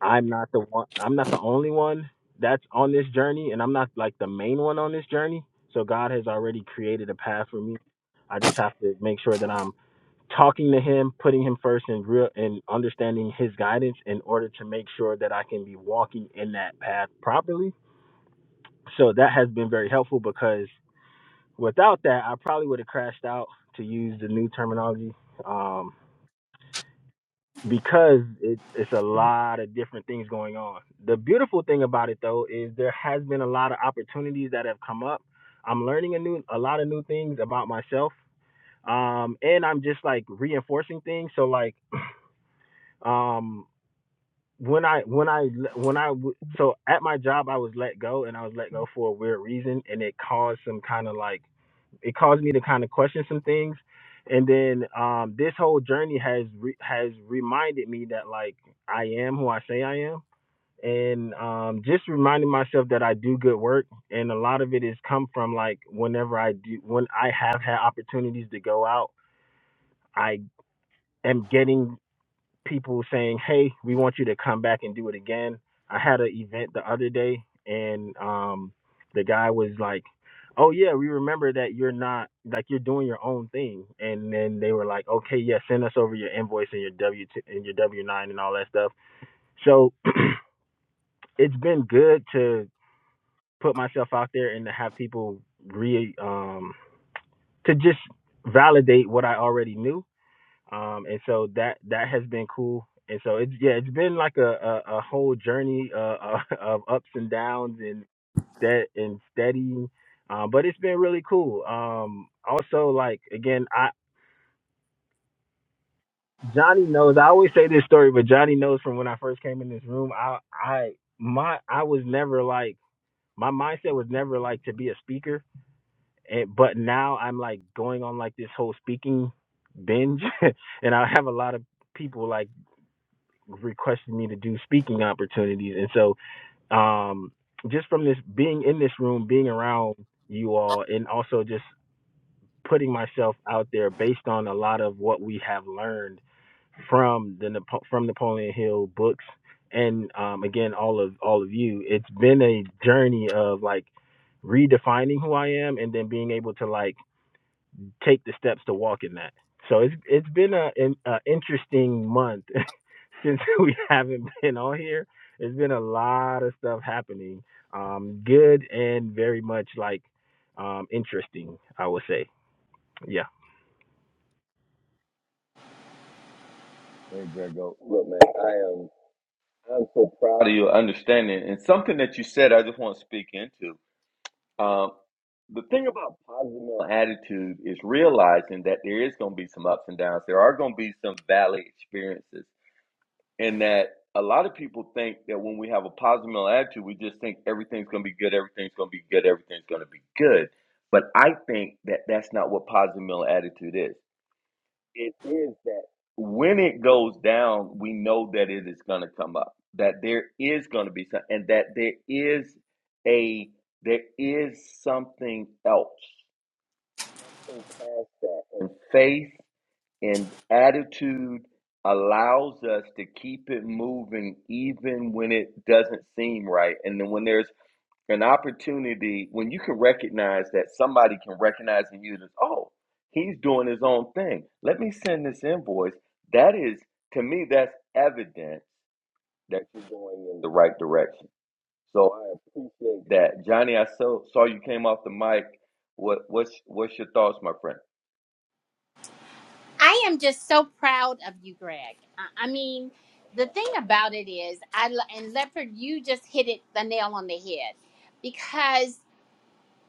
Speaker 9: I'm not the one I'm not the only one that's on this journey and I'm not like the main one on this journey. So God has already created a path for me. I just have to make sure that I'm talking to him, putting him first and real and understanding his guidance in order to make sure that I can be walking in that path properly. So that has been very helpful because without that I probably would have crashed out to use the new terminology. Um because it, it's a lot of different things going on. The beautiful thing about it though is there has been a lot of opportunities that have come up. I'm learning a new a lot of new things about myself. Um and I'm just like reinforcing things so like um when I when I when I, so at my job I was let go and I was let go for a weird reason and it caused some kind of like it caused me to kind of question some things and then um this whole journey has re- has reminded me that like i am who i say i am and um just reminding myself that i do good work and a lot of it has come from like whenever i do when i have had opportunities to go out i am getting people saying, "Hey, we want you to come back and do it again." I had an event the other day, and um, the guy was like, "Oh yeah, we remember that you're not like you're doing your own thing." And then they were like, "Okay, yeah, send us over your invoice and your W two and your W nine and all that stuff." So it's been good to put myself out there and to have people re um, to just validate what I already knew um and so that that has been cool and so it's yeah it's been like a a, a whole journey uh, of ups and downs and that and steady um but it's been really cool um also like again i johnny knows i always say this story but johnny knows from when i first came in this room i i my i was never like my mindset was never like to be a speaker and but now i'm like going on like this whole speaking binge and i have a lot of people like requested me to do speaking opportunities, and so um, just from this being in this room, being around you all, and also just putting myself out there based on a lot of what we have learned from the Napo- from Napoleon Hill books, and um, again, all of all of you. It's been a journey of like redefining who I am, and then being able to like take the steps to walk in that. So it's it's been a an interesting month since we haven't been on here. It's been a lot of stuff happening, um, good and very much like um, interesting, I would say. Yeah.
Speaker 2: Hey, Grego. Look, man, I am. I'm so proud of do you understand And something that you said, I just want to speak into. Um, the thing about positive mental attitude is realizing that there is going to be some ups and downs. There are going to be some valley experiences. and that a lot of people think that when we have a positive mental attitude, we just think everything's going to be good, everything's going to be good, everything's going to be good. But I think that that's not what positive mental attitude is. It is that when it goes down, we know that it is going to come up, that there is going to be something, and that there is a there is something else, something past that, and faith and attitude allows us to keep it moving even when it doesn't seem right. And then when there's an opportunity, when you can recognize that somebody can recognize in you that, oh, he's doing his own thing. Let me send this invoice. That is, to me, that's evidence that you're going in the right direction. So I appreciate that. Johnny, I so, saw you came off the mic. What, what's, what's your thoughts, my friend?
Speaker 1: I am just so proud of you, Greg. I, I mean, the thing about it is, I lo- and Leopard, you just hit it the nail on the head because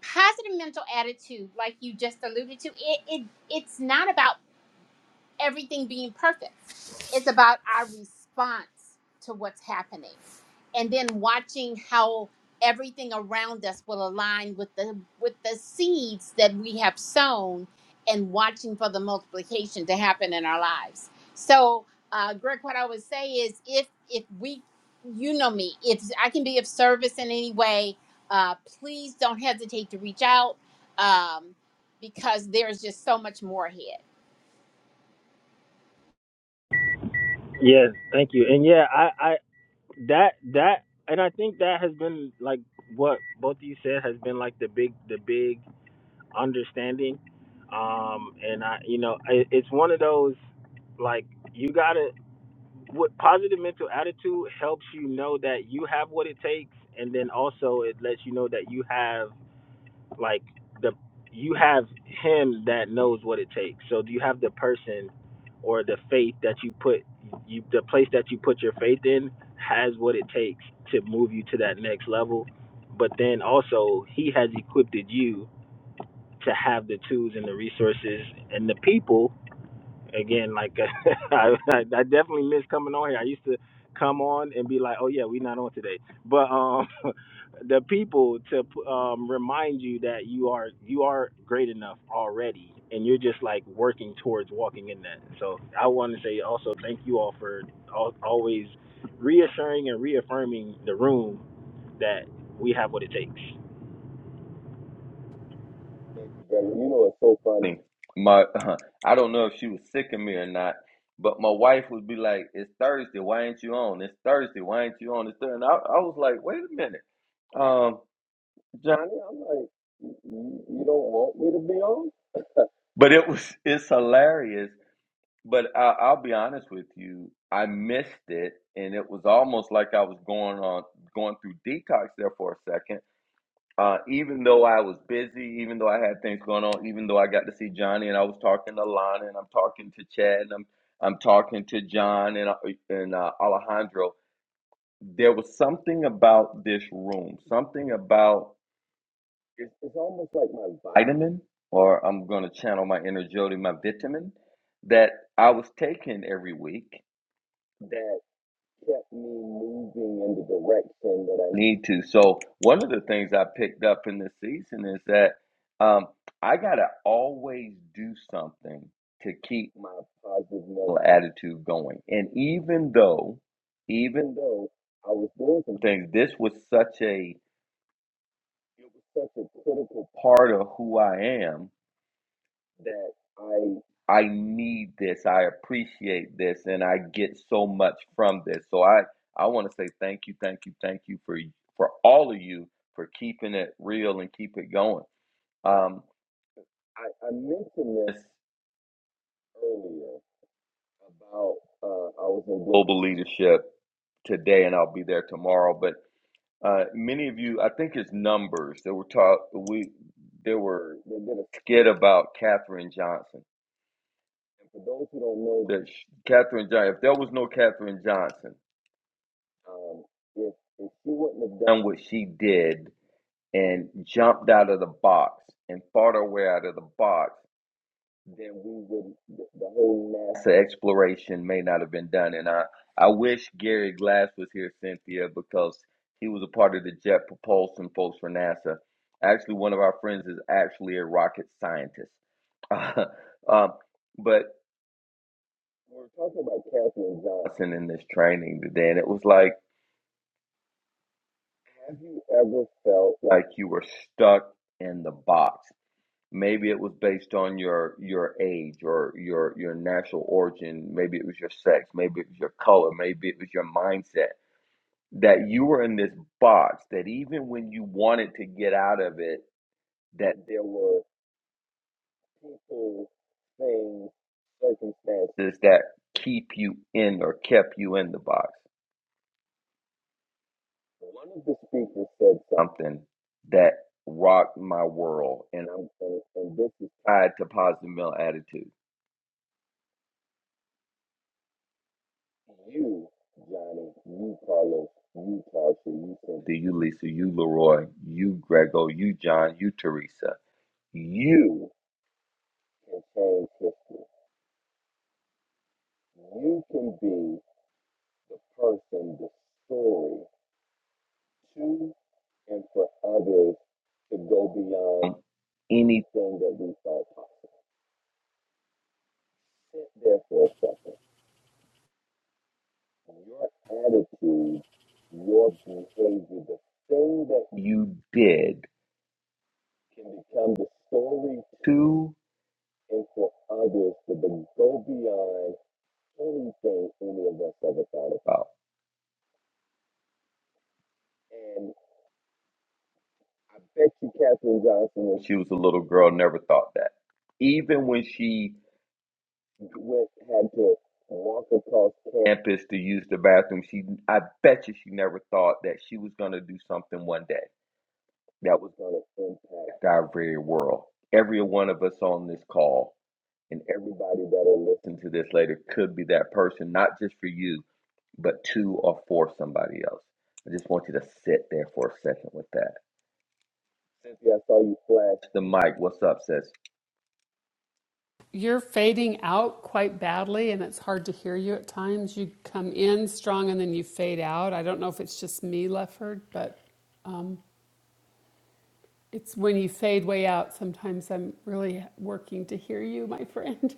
Speaker 1: positive mental attitude, like you just alluded to, it, it it's not about everything being perfect. It's about our response to what's happening and then watching how everything around us will align with the with the seeds that we have sown and watching for the multiplication to happen in our lives. So, uh, Greg, what I would say is if if we you know me, if I can be of service in any way, uh, please don't hesitate to reach out um, because there's just so much more ahead.
Speaker 9: Yes, thank you. And yeah, I, I that that and I think that has been like what both of you said has been like the big the big understanding. Um and I you know, I, it's one of those like you got to what positive mental attitude helps you know that you have what it takes and then also it lets you know that you have like the you have him that knows what it takes so do you have the person or the faith that you put you the place that you put your faith in has what it takes to move you to that next level but then also he has equipped you to have the tools and the resources and the people again, like I, I I definitely miss coming on here. I used to come on and be like, "Oh yeah, we not on today," but um, the people to um, remind you that you are you are great enough already, and you're just like working towards walking in that. So I want to say also thank you all for al- always reassuring and reaffirming the room that we have what it takes.
Speaker 2: Thank you, brother. You know it's so funny. My, I don't know if she was sick of me or not, but my wife would be like, "It's Thursday. Why ain't you on? It's Thursday. Why ain't you on?" It's Thursday. And I, I was like, "Wait a minute, um, Johnny. I'm like, you, you don't want me to be on?" But it was it's hilarious. But I, I'll be honest with you, I missed it, and it was almost like I was going on going through detox there for a second uh, even though I was busy, even though I had things going on, even though I got to see Johnny and I was talking to Lana and I'm talking to Chad and I'm I'm talking to John and uh, and uh, Alejandro, there was something about this room, something about it's, it's almost like my vitamin, or I'm going to channel my inner Jody, my vitamin that I was taking every week that kept me moving in the direction that I need to. So one of the things I picked up in this season is that um, I gotta always do something to keep my positive mental attitude going. And even though, even though I was doing some things, this was such a it was such a critical part of who I am that I I need this, I appreciate this, and I get so much from this. So I I want to say thank you, thank you, thank you for for all of you for keeping it real and keep it going. Um, I, I mentioned this earlier about uh, I was in global leadership today, and I'll be there tomorrow. But uh, many of you, I think it's numbers that were taught. We there were they did a skit about Katherine Johnson For those who don't know that sh- Katherine Johnson, if there was no Katherine Johnson, um, if, if she wouldn't have done what she did and jumped out of the box and fought her way out of the box, then we would the the whole NASA exploration may not have been done. And I I wish Gary Glass was here, Cynthia, because he was a part of the jet propulsion folks for NASA. Actually, one of our friends is actually a rocket scientist. Um, but we were talking about Katherine Johnson in this training today, and it was like, have you ever felt like you were stuck in the box? Maybe it was based on your your age or your your national origin. Maybe it was your sex. Maybe it was your color. Maybe it was your mindset that you were in this box. That even when you wanted to get out of it, that there were people, things, circumstances that keep you in or kept you in the box One of the speakers said something that rocked my world, and I'm and, and this is tied to positive male attitude. You, Johnny, you, Carlos, you, Tarsha, you, Cynthia, you, Lisa, you, Leroy, you, Grego, you, John, you, Teresa. You can change history. You can be the person, the story to and for others to go beyond anything that we thought possible. Sit there for a second Your attitude, your behavior, the thing that you did can become the story to and for others to be- go beyond anything any of us ever thought about. And I bet you Katherine Johnson, when she was a little girl, never thought that. Even when she went had to walk across campus to use the bathroom, she I bet you she never thought that she was gonna do something one day. that was going to impact our very world. Every one of us on this call and everybody that'll listen to this later could be that person, not just for you, but to or for somebody else. I just want you to sit there for a second with that. Cynthia, I saw you flash the mic. What's up, sis?
Speaker 5: You're fading out quite badly, and it's hard to hear you at times. You come in strong and then you fade out. I don't know if it's just me, Lefford, but um, it's when you fade way out. Sometimes I'm really working to hear you, my friend.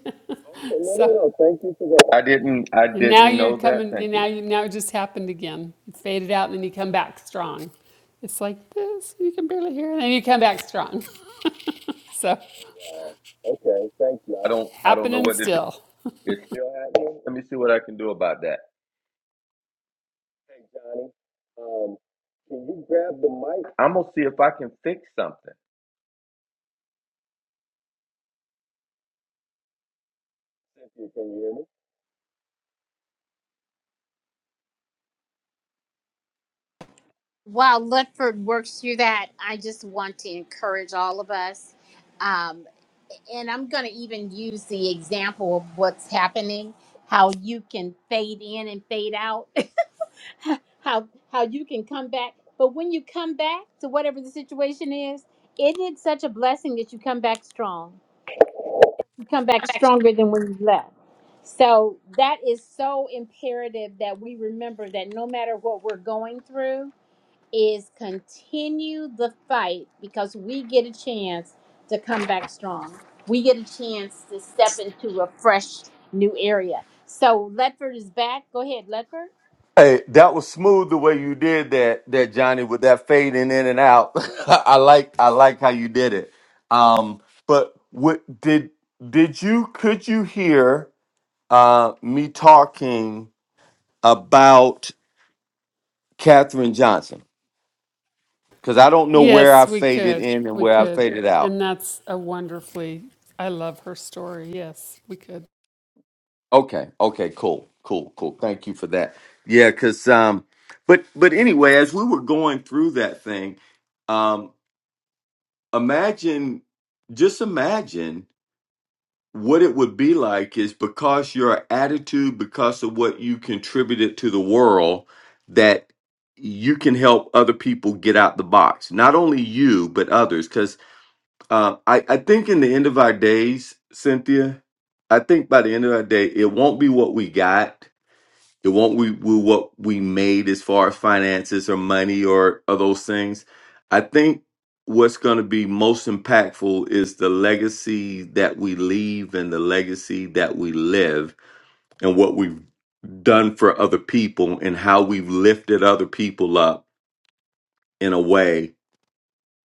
Speaker 2: Okay, no, no,
Speaker 5: so
Speaker 2: no. Thank you for that. I didn't, I
Speaker 5: And now
Speaker 2: didn't
Speaker 5: you're
Speaker 2: know that.
Speaker 5: coming,
Speaker 2: Thank
Speaker 5: and
Speaker 2: you.
Speaker 5: now you now it just happened again. It faded out, and then you come back strong. It's like this, you can barely hear it, and then you come back strong. So
Speaker 2: Oh, wow. Okay, thank you. I don't, I don't know
Speaker 5: happening
Speaker 2: what to do.
Speaker 5: still.
Speaker 2: It's still happening. Let me see what I can do about that. Hey, Johnny, um, can you grab the mic? I'm gonna see if I can fix something. Cynthia, can you hear me?
Speaker 1: While Lutford works through that, I just want to encourage all of us. Um, and I'm going to even use the example of what's happening, how you can fade in and fade out, how how you can come back. But when you come back to whatever the situation is, it is such a blessing that you come back strong. You come back stronger than when you left. So that is so imperative that we remember that no matter what we're going through, is continue the fight because we get a chance to come back strong. We get a chance to step into a fresh new area. So Ledford is back. Go ahead, Ledford.
Speaker 2: Hey, that was smooth the way you did that, that Johnny, with that fading in and out. I like, I like how you did it. Um, but what did did you could you hear uh, me talking about Katherine Johnson? Because I don't know where I
Speaker 5: Yes, we
Speaker 2: faded
Speaker 5: could.
Speaker 2: in and
Speaker 5: We
Speaker 2: where I
Speaker 5: could.
Speaker 2: faded out.
Speaker 5: And that's a wonderfully I love her story. Yes, we could.
Speaker 2: Okay. Okay. Cool. Cool. Cool. Thank you for that. Yeah. Cause, um, but, but anyway, as we were going through that thing, um, imagine, just imagine what it would be like is because your attitude, because of what you contributed to the world, that you can help other people get out the box. Not only you, but others. Cause, uh, I, I think in the end of our days, Cynthia, I think by the end of our day, it won't be what we got it won't we will what we made as far as finances or money or, or those things. I think what's going to be most impactful is the legacy that we leave and the legacy that we live and what we've done for other people and how we've lifted other people up in a way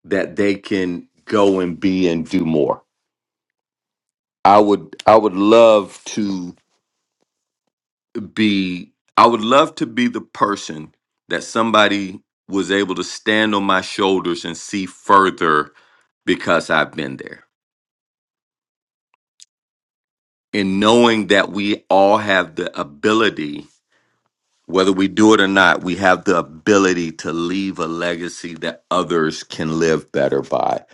Speaker 2: that they can go and be and do more. I would I would love to be I would love to be the person that somebody was able to stand on my shoulders and see further because I've been there. And knowing that we all have the ability, whether we do it or not, we have the ability to leave a legacy that others can live better by.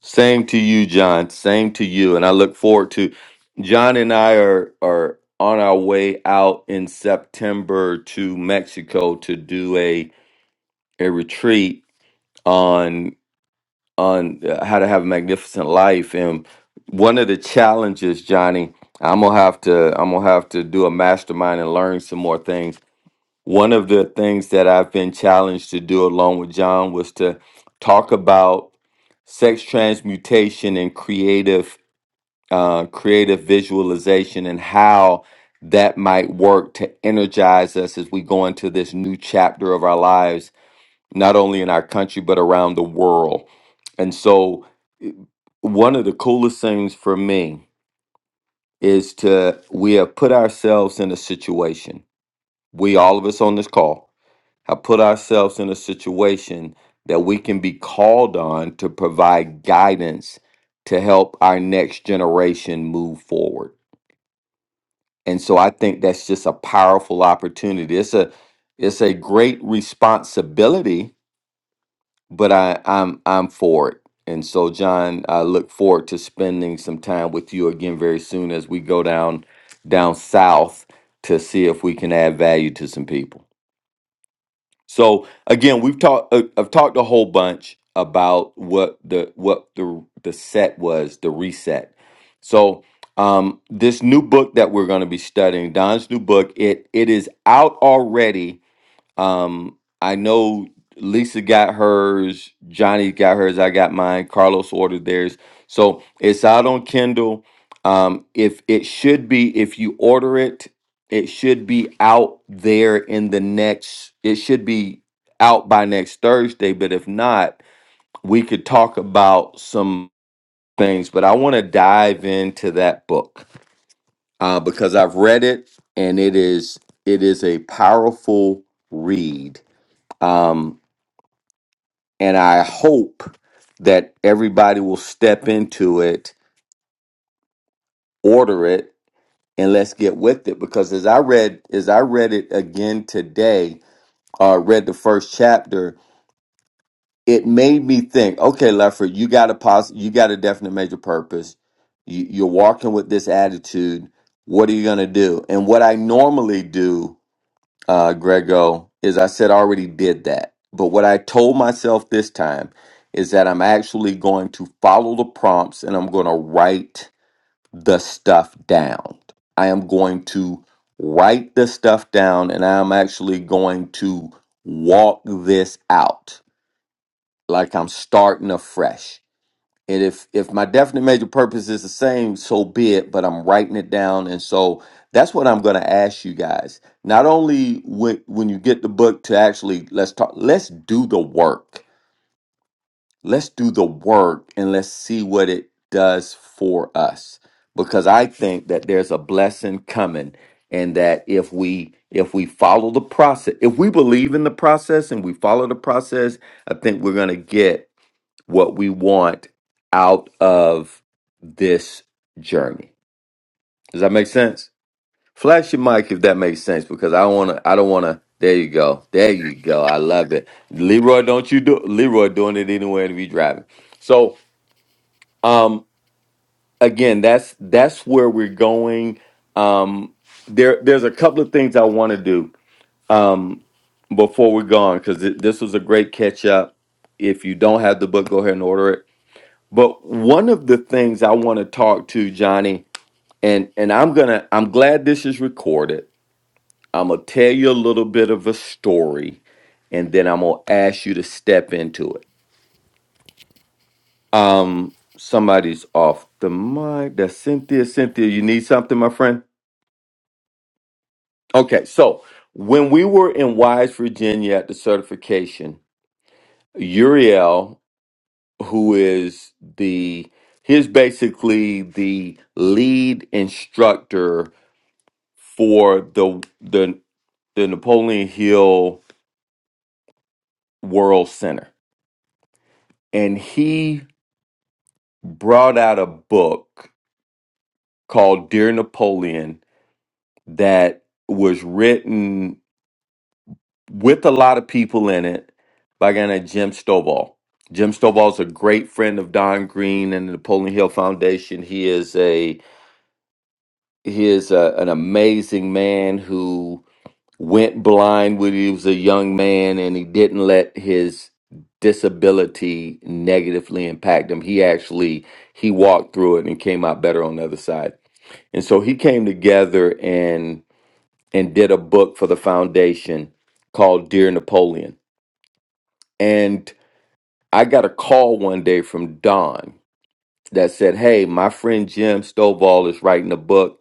Speaker 2: Same to you, John. Same to you. And I look forward to John and I are are on our way out in September to Mexico to do a a retreat on on uh, how to have a magnificent life and one of the challenges johnny i'm gonna have to i'm gonna have to do a mastermind and learn some more things one of the things that i've been challenged to do along with john was to talk about sex transmutation and creative uh, creative visualization and how that might work to energize us as we go into this new chapter of our lives not only in our country but around the world. And so i- one of the coolest things for me is to we have put ourselves in a situation. We all of us on this call have put ourselves in a situation that we can be called on to provide guidance to help our next generation move forward. And so I think that's just a powerful opportunity. It's a it's a great responsibility but I, I'm I'm for it. And so, John, I look forward to spending some time with you again very soon as we go down down south to see if we can add value to some people. So again, we've talked. Uh, I've talked a whole bunch about what the what the the set was, the reset. So um, this new book that we're going to be studying, Don's new book, it it is out already um, I know Lisa got hers, Johnny got hers, I got mine, Carlos ordered theirs. So it's out on Kindle. Um, if it should be, if you order it, it should be out there in the next, it should be out by next Thursday. But if not, we could talk about some things. But I want to dive into that book uh, because I've read it and it is it is a powerful read. Um, And I hope that everybody will step into it, order it, and let's get with it. Because as I read, as I read it again today, uh, read the first chapter, it made me think, okay, Lefford, you got a pos- you got a definite major purpose. You, you're walking with this attitude. What are you going to do? And what I normally do uh, Grego, is I said I already did that. But what I told myself this time is that I'm actually going to follow the prompts and I'm going to write the stuff down. I am going to write the stuff down and I'm actually going to walk this out like I'm starting afresh. And if if my definite major purpose is the same, so be it. But I'm writing it down, and so that's what I'm going to ask you guys. Not only when when you get the book to actually let's talk, let's do the work. Let's do the work, and let's see what it does for us. Because I think that there's a blessing coming, and that if we if we follow the process, if we believe in the process and we follow the process, I think we're going to get what we want out of this journey. Does that make sense? Flash your mic if that makes sense, because I want to. I don't want to. There you go. There you go. I love it, Leroy. Don't you do Leroy doing it anywhere to be driving. So, um, again, that's that's where we're going. Um, there, there's a couple of things I want to do. Um, before we're gone, because this was a great catch up. If you don't have the book, go ahead and order it But one of the things I want to talk to Johnny, and and I'm gonna, I'm glad this is recorded. I'm gonna tell you a little bit of a story, and then I'm gonna ask you to step into it. Um, somebody's off the mic. That's Cynthia. Cynthia, you need something, my friend? Okay, so when we were in Wise, Virginia at the certification, Uriel, who is the he's basically the lead instructor for the the the Napoleon Hill World Center, and he brought out a book called Dear Napoleon that was written with a lot of people in it by a guy named Jim Stovall. Jim Stovall is a great friend of Don Green and the Napoleon Hill Foundation. He is a he is a, an amazing man who went blind when he was a young man and he didn't let his disability negatively impact him he actually he walked through it and came out better on the other side and so he came together and and did a book for the foundation called dear napoleon and i got a call one day from don that said hey my friend jim stovall is writing a book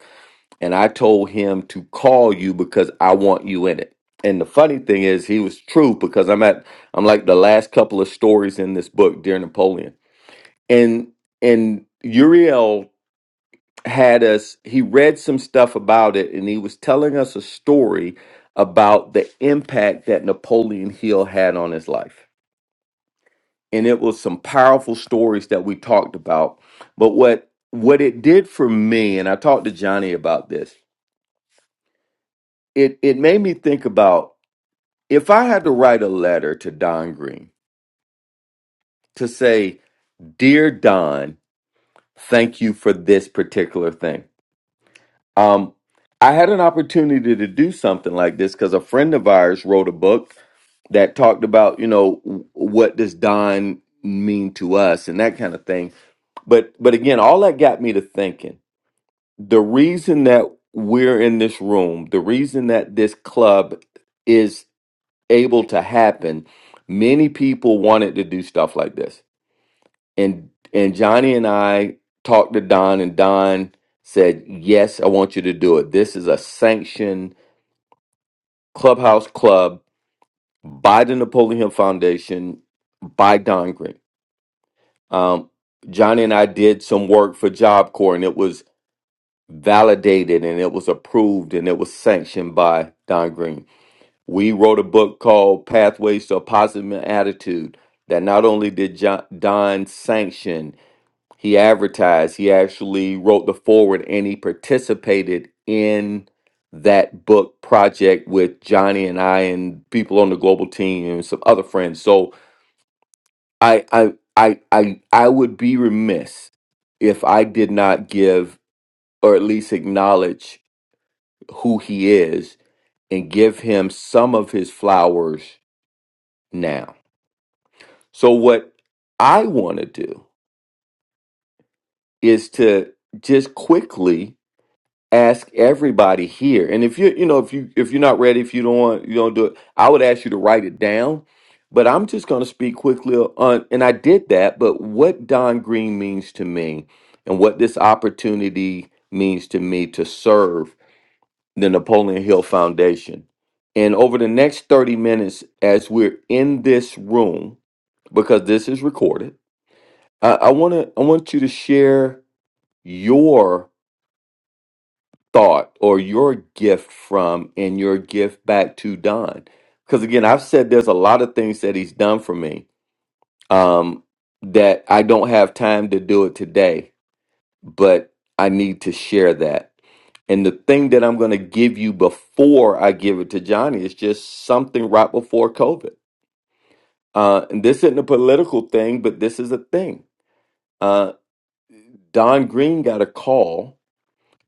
Speaker 2: and I told him to call you because I want you in it. And the funny thing is, he was true because I'm at I'm like the last couple of stories in this book, Dear Napoleon, and and Uriel had us. He read some stuff about it, and he was telling us a story about the impact that Napoleon Hill had on his life. And it was some powerful stories that we talked about. But what what it did for me, and I talked to Johnny about this, it it made me think about If I had to write a letter to Don Green to say, Dear Don, thank you for this particular thing. Um, I had an opportunity to do something like this because a friend of ours wrote a book that talked about, you know, w- what does Don mean to us and that kind of thing. But but again, all that got me to thinking. The reason that we're in this room, the reason that this club is able to happen, many people wanted to do stuff like this. And and Johnny and I talked to Don and Don said, "Yes, I want you to do it. This is a sanctioned clubhouse club by the Napoleon Hill Foundation by Don Green." Um, Johnny and I did some work for Job Corps, and it was validated and it was approved and it was sanctioned by Don Green. We wrote a book called Pathways to a Positive Attitude that not only did John, Don sanction, he advertised, he actually wrote the forward and he participated in that book project with Johnny and I and people on the global team and some other friends. So I I I I, I would be remiss if I did not give or at least acknowledge who he is and give him some of his flowers now So, what I want to do is to just quickly ask everybody here, and if you you know if you if you're not ready, if you don't want you don't do it, I would ask you to write it down. But I'm just going to speak quickly on, and I did that. But what Don Green means to me, and what this opportunity means to me to serve the Napoleon Hill Foundation. And over the next 30 minutes, as we're in this room, because this is recorded I, I want to. I want you to share your thought or your gift from and your gift back to Don, because again, I've said there's a lot of things that he's done for me um, that I don't have time to do it today, but I need to share that. And the thing that I'm going to give you before I give it to Johnny is just something right before COVID. Uh, and this isn't a political thing, but this is a thing. Uh, Don Green got a call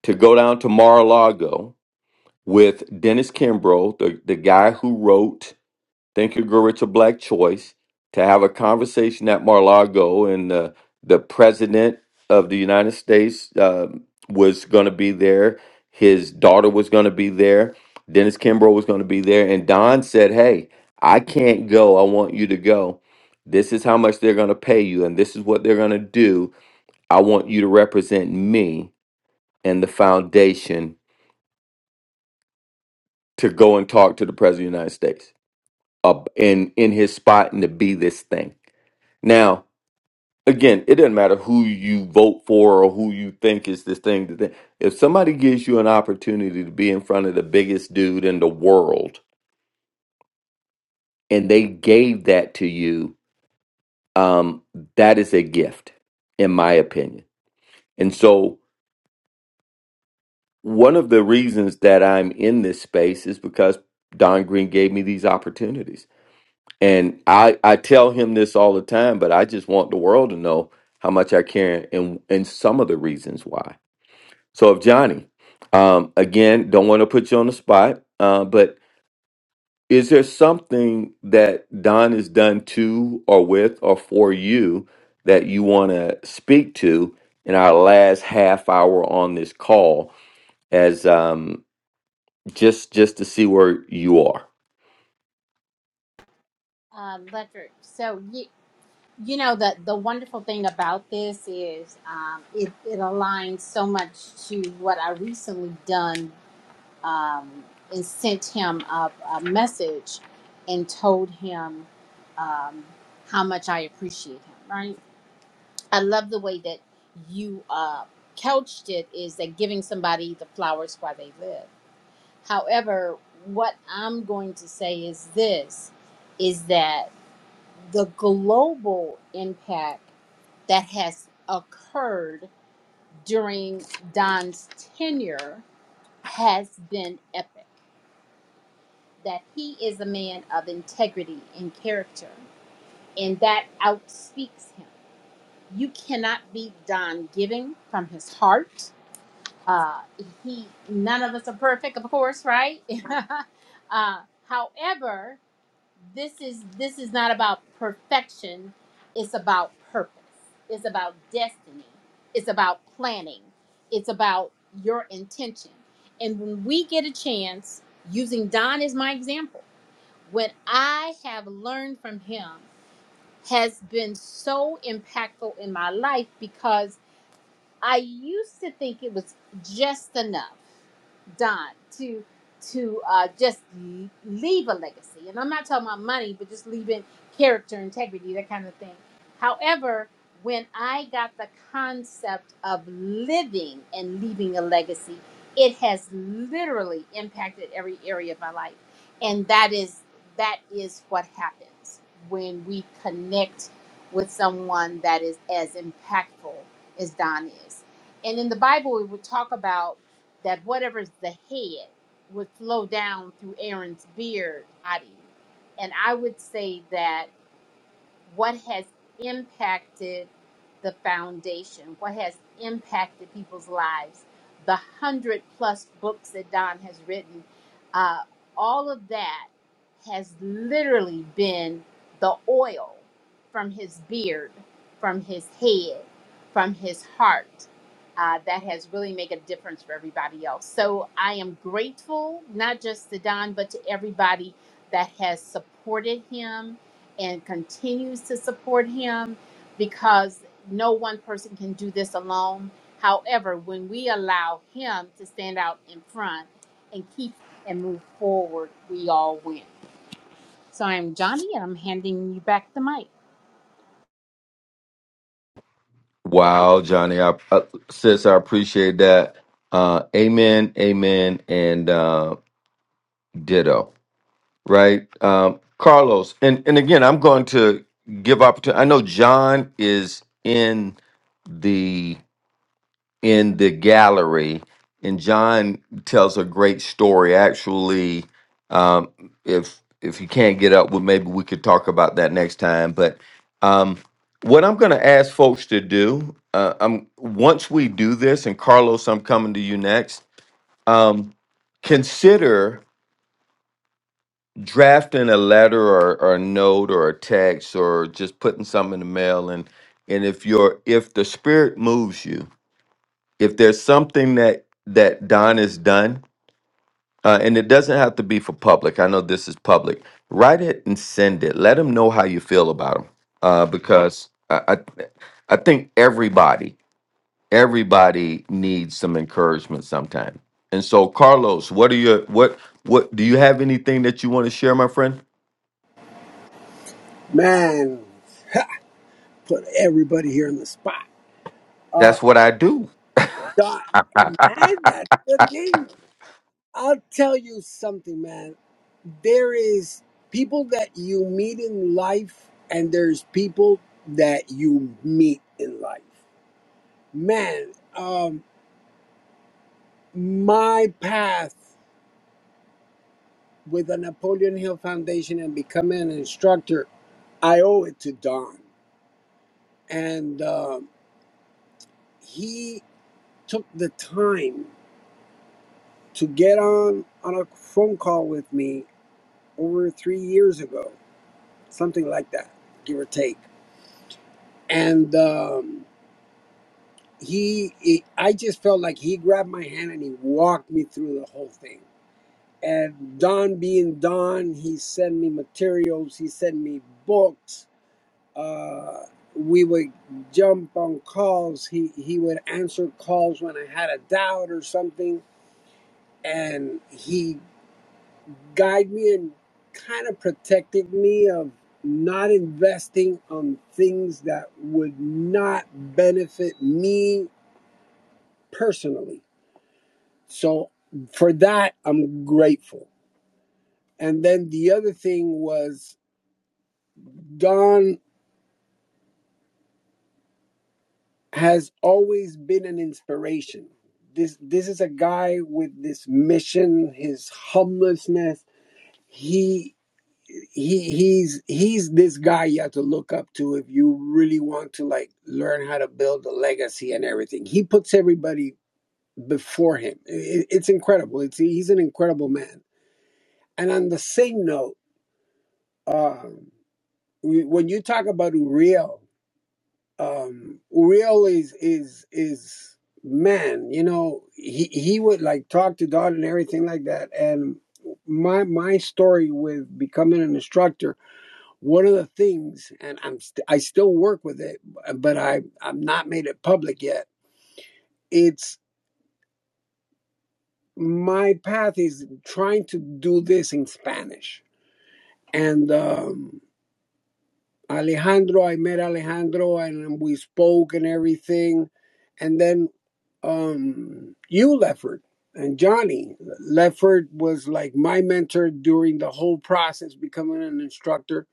Speaker 2: to go down to Mar-a-Lago with Dennis Kimbrough, the, the guy who wrote Think Your Girl Rich or Black Choice, to have a conversation at Mar-a-Lago. And uh, the president of the United States uh, was going to be there. His daughter was going to be there. Dennis Kimbrough was going to be there. And Don said, Hey, I can't go. I want you to go. This is how much they're going to pay you, and this is what they're going to do. I want you to represent me and the foundation to go and talk to the president of the United States uh, in in his spot and to be this thing. Now, again, it doesn't matter who you vote for or who you think is this thing. that they- If somebody gives you an opportunity to be in front of the biggest dude in the world and they gave that to you, um, that is a gift, in my opinion. And so, one of the reasons that I'm in this space is because Don Green gave me these opportunities And I I tell him this all the time, but I just want the world to know how much I care and and some of the reasons why. So if Johnny, um, again, don't want to put you on the spot, uh, but is there something that Don has done to or with or for you that you want to speak to in our last half hour on this call as um just just to see where you are?
Speaker 1: Uh, Ledford. So you, you know the the wonderful thing about this is um, it it aligns so much to what I recently done um, and sent him a, a message and told him um, how much I appreciate him. Right I love the way that you uh, couched it is that giving somebody the flowers while they live. However, what I'm going to say is this is that the global impact that has occurred during Don's tenure has been epic. That he is a man of integrity and character, and that outspeaks him. You cannot beat Don giving from his heart uh, he none of us are perfect, of course, right? uh, however, this is this is not about perfection. It's about purpose. It's about destiny. It's about planning. It's about your intention. And when we get a chance, using Don as my example, what I have learned from him has been so impactful in my life because I used to think it was just enough, Don, to to uh, just l- leave a legacy. And I'm not talking about money, but just leaving character, integrity, that kind of thing. However, when I got the concept of living and leaving a legacy, it has literally impacted every area of my life, and that is that is what happens when we connect with someone that is as impactful as Don is. And in the Bible, it would talk about that whatever's the head would flow down through Aaron's beard, body. And I would say that what has impacted the foundation, what has impacted people's lives, the hundred plus books that Don has written, uh, all of that has literally been the oil from his beard, from his head, from his heart. Uh, that has really made a difference for everybody else. So I am grateful, not just to Don, but to everybody that has supported him and continues to support him because no one person can do this alone. However, when we allow him to stand out in front and keep and move forward, we all win. So I'm Johnny and I'm handing you back the mic.
Speaker 2: Wow, Johnny, I, uh, sis, I appreciate that. Uh, amen, amen, and uh, ditto. Right, um, Carlos, and and again, I'm going to give opportunity. I know John is in in the gallery, and John tells a great story. Actually, um, if if you can't get up, well, maybe we could talk about that next time. But um, what I'm going to ask folks to do, uh, i once we do this, and Carlos, I'm coming to you next. Um, consider drafting a letter or, or a note or a text or just putting something in the mail and and if you're if the spirit moves you if there's something that that Don has done, uh, and it doesn't have to be for public. I know this is public. Write it and send it. Let them know how you feel about them, uh, because I, I I think everybody everybody needs some encouragement sometime. And so, Carlos, what are your what what do you have anything that you want to share, my friend?
Speaker 3: man, put everybody here in the spot. Uh,
Speaker 2: That's what I do.
Speaker 3: Don, man, that's the thing. I'll tell you something, man. There is people that you meet in life, and there's people that you meet in life. Man, um, my path with the Napoleon Hill Foundation and becoming an instructor, I owe it to Don. And um he took the time to get on, on a phone call with me over three years ago, something like that, give or take. And. Um, he, he i just felt like he grabbed my hand and he walked me through the whole thing and don being don he sent me materials he sent me books uh, we would jump on calls he he would answer calls when i had a doubt or something and he guided me and kind of protected me of not investing on things that would not benefit me personally So for that, I'm grateful. And then the other thing was Don has always been an inspiration. This this is a guy with this mission, his humblessness. He he he's he's this guy you have to look up to if you really want to like learn how to build a legacy and everything. He puts everybody before him. It- it's incredible. It's he's an incredible man. And on the same note, uh, when you talk about Uriel, um, Uriel is is is man. You know, he he would like talk to God and everything like that. And my my story with becoming an instructor, one of the things, and I'm st- I still work with it, but I I'm not made it public yet. It's my path is trying to do this in Spanish, and um, Alejandro, I met Alejandro and we spoke and everything. And then um, you, Lefford, and Johnny. Lefford was like my mentor during the whole process, becoming an instructor.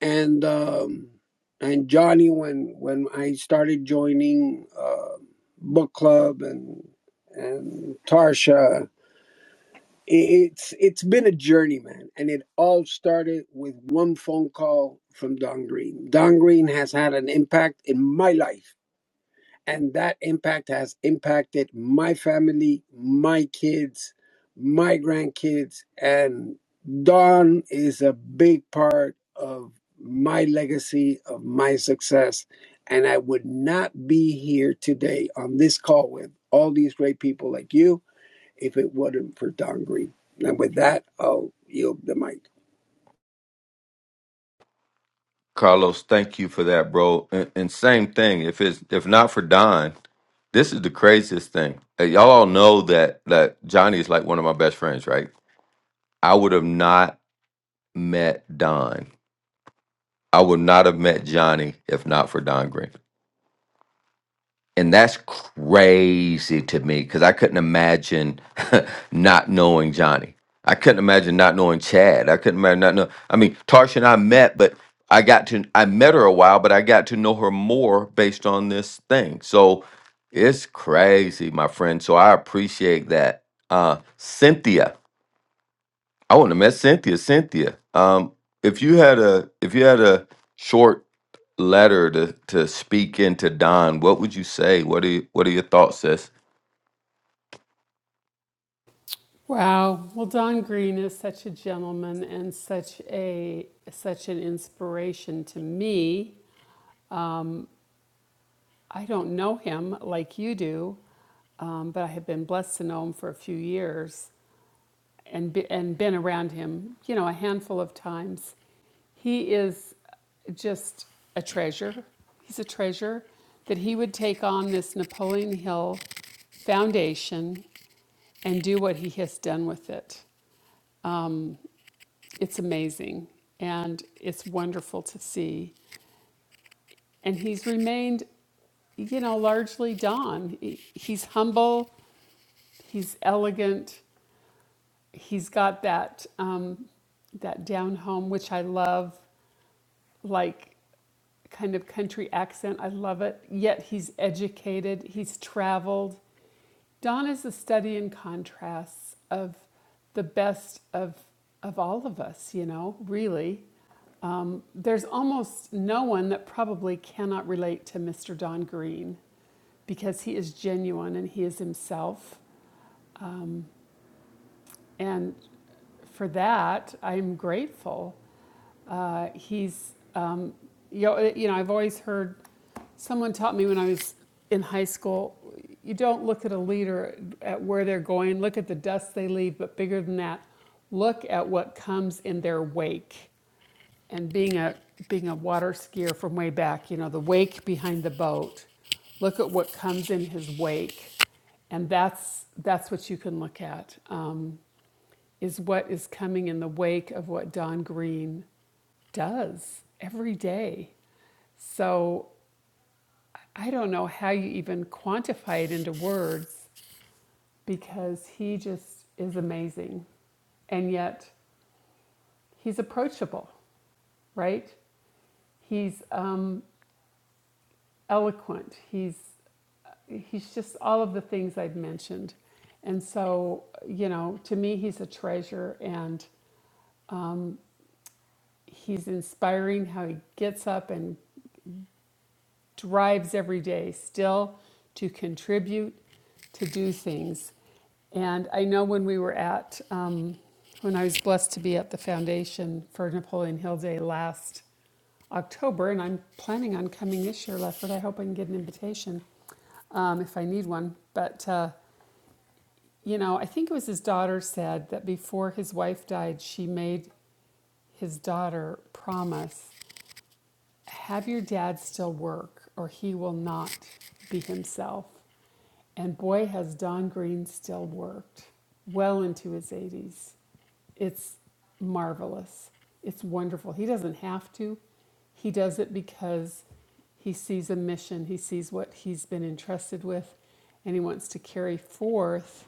Speaker 3: And um, and Johnny, when when I started joining uh, book club and and Tarsha it's it's been a journey, man, and it all started with one phone call from Don Green. Don Green has had an impact in my life, and that impact has impacted my family, my kids, my grandkids, and Don is a big part of my legacy, of my success, and I would not be here today on this call with all these great people like you if it wasn't for Don Green. And with that, I'll yield the mic.
Speaker 2: Carlos, thank you for that, bro. And, and same thing. If it's if not for Don, This is the craziest thing. Uh, Y'all all know that that Johnny is like one of my best friends, right? I would have not met Don. I would not have met Johnny if not for Don Green. And that's crazy to me because I couldn't imagine not knowing Johnny. I couldn't imagine not knowing Chad. I couldn't imagine not know. I mean, Tarsha and I met, but I got to I met her a while, but I got to know her more based on this thing. So it's crazy, my friend. So I appreciate that. Uh, Cynthia. I wouldn't have met Cynthia. Cynthia, um, if you had a if you had a short letter to to speak into Don, what would you say? What are you, what are your thoughts, sis?
Speaker 5: Wow. Well, Don Green is such a gentleman and such a such an inspiration to me. I don't know him like you do, um, but I have been blessed to know him for a few years. and be, and been around him, you know, a handful of times. He is just a treasure. He's a treasure that he would take on this Napoleon Hill Foundation and do what he has done with it. It's amazing and it's wonderful to see. And he's remained, you know, largely Don. He- He's humble, he's elegant, he's got that, um, that down home, which I love. like kind of country accent. I love it. Yet he's educated, he's traveled. Don is a study in contrasts of the best of of all of us, you know, really. There's almost no one that probably cannot relate to Mr. Don Green because he is genuine and he is himself. And for that, I'm grateful. Uh, he's, um, you know, you know, I've always heard, someone taught me when I was in high school, you don't look at a leader at where they're going, look at the dust they leave, but bigger than that, look at what comes in their wake. And being a, being a water skier from way back, you know, the wake behind the boat, look at what comes in his wake. And that's, that's what you can look at. Um, is what is coming in the wake of what Don Green does every day. So I don't know how you even quantify it into words because he just is amazing. And yet he's approachable, right? He's um, eloquent. He's he's just all of the things I've mentioned. And so, you know, to me, he's a treasure and he's inspiring how he gets up and drives every day still to contribute, to do things. And I know when we were at, um, when I was blessed to be at the foundation for Napoleon Hill Day last October, and I'm planning on coming this year, Lefford. I hope I can get an invitation um, if I need one. But, uh, you know, I think it was his daughter said that before his wife died, she made his daughter promise have your dad still work or he will not be himself. And boy, has Don Green still worked well into his 80s. It's marvelous. It's wonderful. He doesn't have to, he does it because he sees a mission, he sees what he's been entrusted with, and he wants to carry forth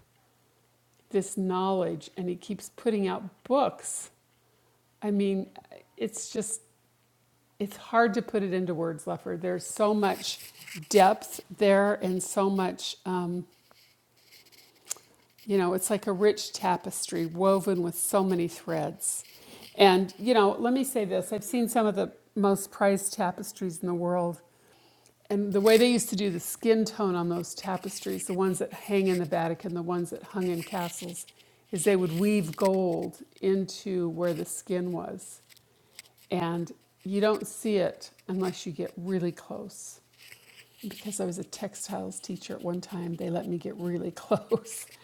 Speaker 5: this knowledge. And he keeps putting out books. I mean, it's just it's hard to put it into words, Lefford. There's so much depth there and so much, um, you know, it's like a rich tapestry woven with so many threads. And, you know, let me say this I've seen some of the most prized tapestries in the world. And the way they used to do the skin tone on those tapestries, the ones that hang in the Vatican, the ones that hung in castles, is they would weave gold into where the skin was. And you don't see it unless you get really close. because I was a textiles teacher at one time, they let me get really close.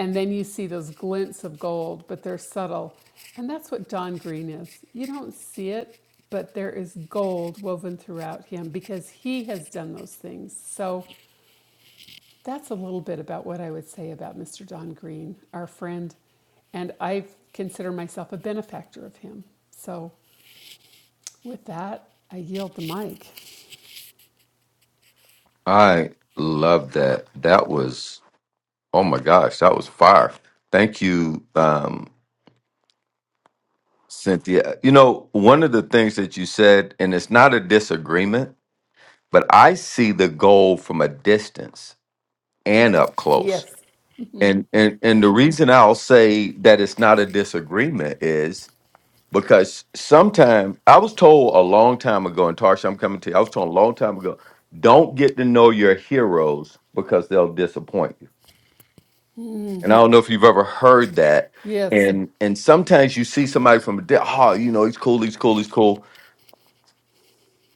Speaker 5: And then you see those glints of gold, but they're subtle. And that's what Don Green is. You don't see it, but there is gold woven throughout him because he has done those things. So that's a little bit about what I would say about Mr. Don Green, our friend. And I consider myself a benefactor of him. So with that, I yield the mic.
Speaker 2: I love that. That was oh my gosh, that was fire. Thank you, um, Cynthia. You know, one of the things that you said, and it's not a disagreement, but I see the goal from a distance and up close.
Speaker 5: Yes.
Speaker 2: And and and the reason I'll say that it's not a disagreement because sometimes I was told a long time ago, and Tarsha, I'm coming to you. I was told a long time ago, don't get to know your heroes because they'll disappoint you. And I don't know if you've ever heard that.
Speaker 5: Yes,
Speaker 2: And and sometimes you see somebody from a di- oh, you know, he's cool, he's cool, he's cool.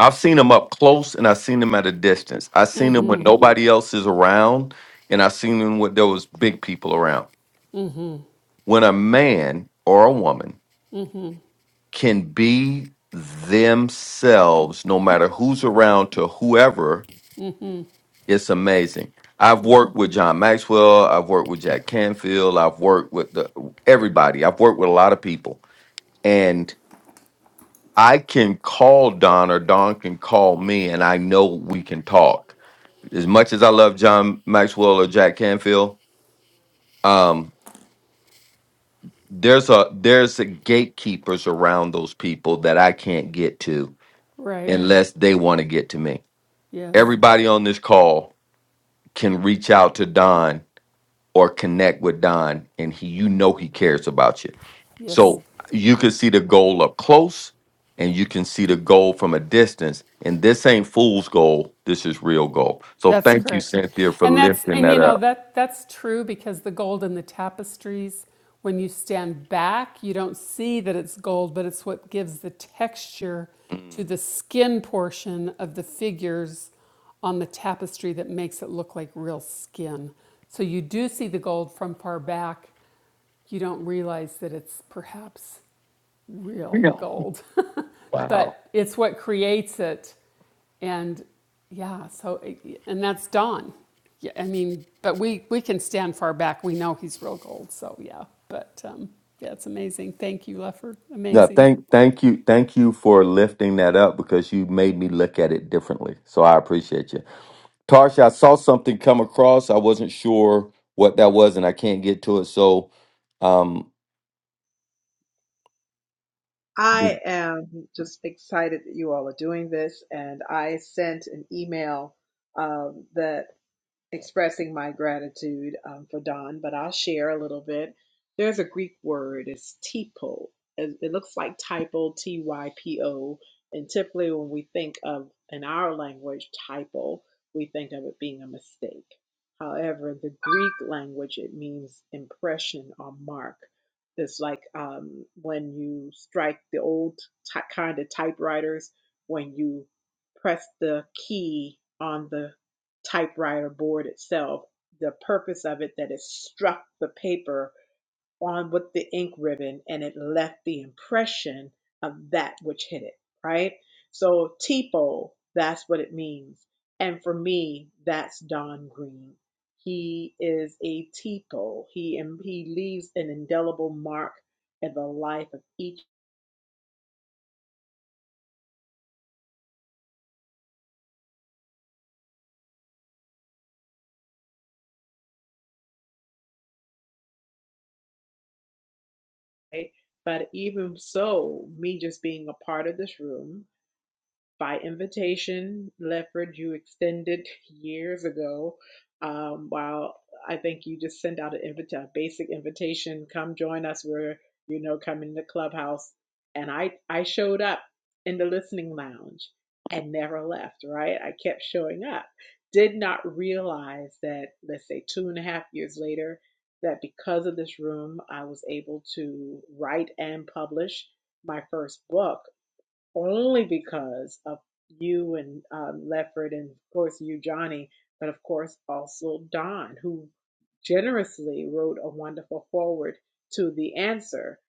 Speaker 2: I've seen him up close and I've seen him at a distance. I've seen him when nobody else is around, and I've seen him when there was big people around. When a man or a woman can be themselves no matter who's around to whoever, it's amazing. I've worked with John Maxwell, I've worked with Jack Canfield, I've worked with the, everybody. I've worked with a lot of people and I can call Don or Don can call me and I know we can talk. As much as I love John Maxwell or Jack Canfield, um there's a there's a gatekeepers around those people that I can't get to
Speaker 5: right.
Speaker 2: unless they want to get to me
Speaker 5: Yes.
Speaker 2: everybody on this call can reach out to Don or connect with Don, and he, you know, he cares about you.
Speaker 5: Yes,
Speaker 2: So you can see the goal up close, and you can see the goal from a distance. And this ain't fool's goal. This is real goal. So
Speaker 5: that's
Speaker 2: thank you,
Speaker 5: correct.
Speaker 2: Cynthia, for
Speaker 5: And that's
Speaker 2: lifting
Speaker 5: and
Speaker 2: that
Speaker 5: you know
Speaker 2: up.
Speaker 5: that that's true because the gold in the tapestries when you stand back, you don't see that it's gold, but it's what gives the texture to
Speaker 2: Mm.
Speaker 5: the skin portion of the figures on the tapestry that makes it look like real skin. So you do see the gold from far back. You don't realize that it's perhaps real gold. but it's what creates it. And yeah, so, and that's Don. Yeah, I mean, but we, we can stand far back. We know he's real gold. So yeah, but um, yeah, it's amazing. Thank you, Lefford.
Speaker 2: No,
Speaker 5: Amazing.
Speaker 2: thank, thank you, thank you for lifting that up because you made me look at it differently. So I appreciate you. Tarsha, I saw something come across. I wasn't sure what that was, and I can't get to it. So, um,
Speaker 4: I am just excited that you all are doing this, and I sent an email um, that. expressing my gratitude um, for Don, but I'll share a little bit. There's a Greek word, it's typo. It it looks like typo, T Y P O. And typically, when we think of in our language typo, we think of it being a mistake. However, in the Greek language, it means impression or mark. It's like um, when you strike the old ty kind of typewriters, when you press the key on the typewriter board itself, the purpose of it, that it struck the paper on with the ink ribbon and it left the impression of that which hit it, right? So TPO, that's what it means. And for me, that's Don Green. He is a TPO. He and he leaves an indelible mark in the life of each. day. But even so, me just being a part of this room by invitation, Lefford, you extended years ago. Um, while I think you just sent out an invita- a basic invitation, come join us. We're, you know, coming to Clubhouse. And I, I showed up in the listening lounge and never left, right? I kept showing up. Did not realize that, let's say, two and a half years later, that because of this room, I was able to write and publish my first book only because of you and um, Lefford, and of course you, Johnny, but of course also Don, who generously wrote a wonderful foreword to the answer,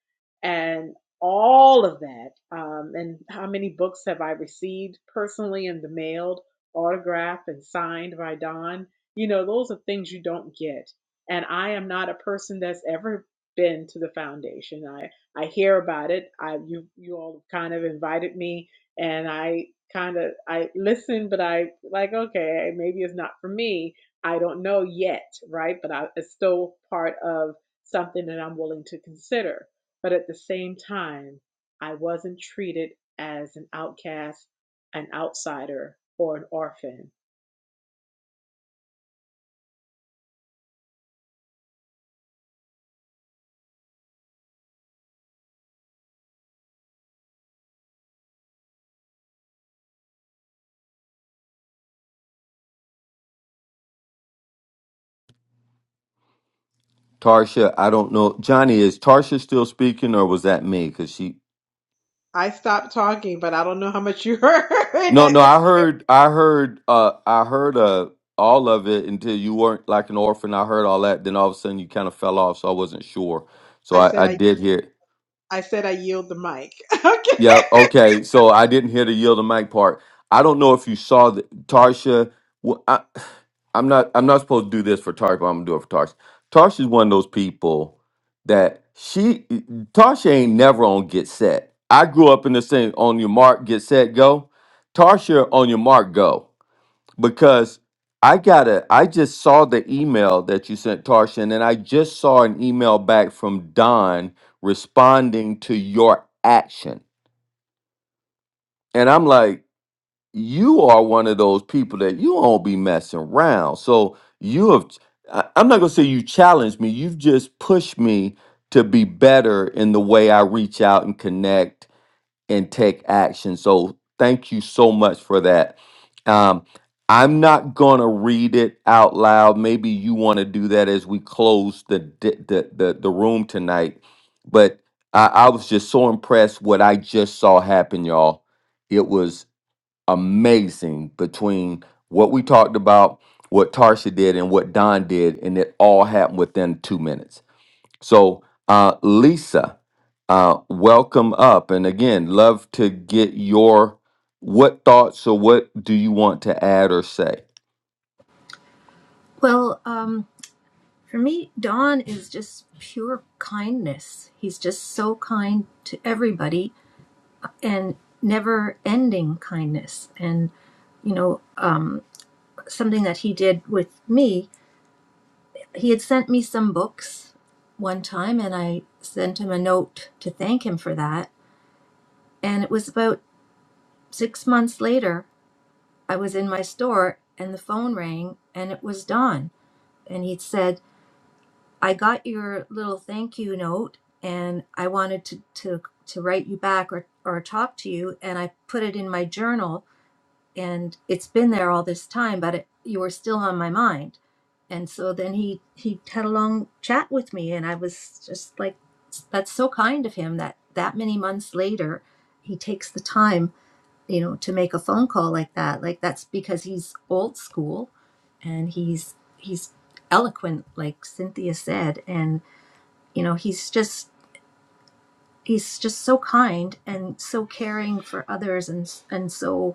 Speaker 4: and all of that. Um, and how many books have I received personally in the mail, autographed and signed by Don? You know, those are things you don't get. And I am not a person that's ever been to the foundation. I I hear about it. I you you all kind of invited me, and I kind of I listened, but I like okay, eh, maybe it's not for me. I don't know yet, right? But I, it's still part of something that I'm willing to consider. But at the same time, I wasn't treated as an outcast, an outsider, or an orphan.
Speaker 2: Tarsha, I don't know. Johnny, is Tarsha still speaking, or was that me? Because she,
Speaker 4: I stopped talking, but I don't know how much you heard.
Speaker 2: no,
Speaker 4: That
Speaker 2: no,
Speaker 4: gets-
Speaker 2: I heard, I heard, uh, I heard uh, all of it until you weren't like an orphan. I heard all that. Then all of a sudden, you kind of fell off, so I wasn't sure. So
Speaker 4: I said
Speaker 2: I, I
Speaker 4: I
Speaker 2: did hear.
Speaker 4: I said I yield the mic. okay.
Speaker 2: Yeah. Okay. So I didn't hear the yield the mic part. I don't know if you saw the Tarsha. wh- I, I'm not. I'm not supposed to do this for Tarsha, but I'm gonna do it for Tarsha. Tarsha's one of those people that she Tarsha ain't never on get set. I grew up in this thing on your mark, get set, go. Tarsha on your mark, go. Because I gotta. I just saw the email that you sent Tarsha, and then I just saw an email back from Don responding to your action. And I'm like, you are one of those people that you won't be messing around. So you have, I- I'm not going to say you challenged me. You've just pushed me to be better in the way I reach out and connect and take action. So thank you so much for that. Um, I'm not going to read it out loud. Maybe you want to do that as we close the, di- the, the, the room tonight. But I, I was just so impressed what I just saw happen, y'all. It was amazing between what we talked about, what Tarsha did, and what Don did, and it all happened within two minutes. So, uh, Lisa, uh, welcome up, and again, love to get your what thoughts or what do you want to add or say?
Speaker 6: Well, um, for me, Don is just pure kindness. He's just so kind to everybody and never ending kindness. And, you know, um, something that he did with me he had sent me some books one time and I sent him a note to thank him for that. And it was about six months later, I was in my store and the phone rang and it was Don. And he said, I got your little thank you note and I wanted to, to, to write you back or, or talk to you. And I put it in my journal and it's been there all this time but it, you were still on my mind and so then he he had a long chat with me and i was just like that's so kind of him that that many months later he takes the time you know to make a phone call like that like that's because he's old school and he's he's eloquent like cynthia said and you know he's just he's just so kind and so caring for others and and so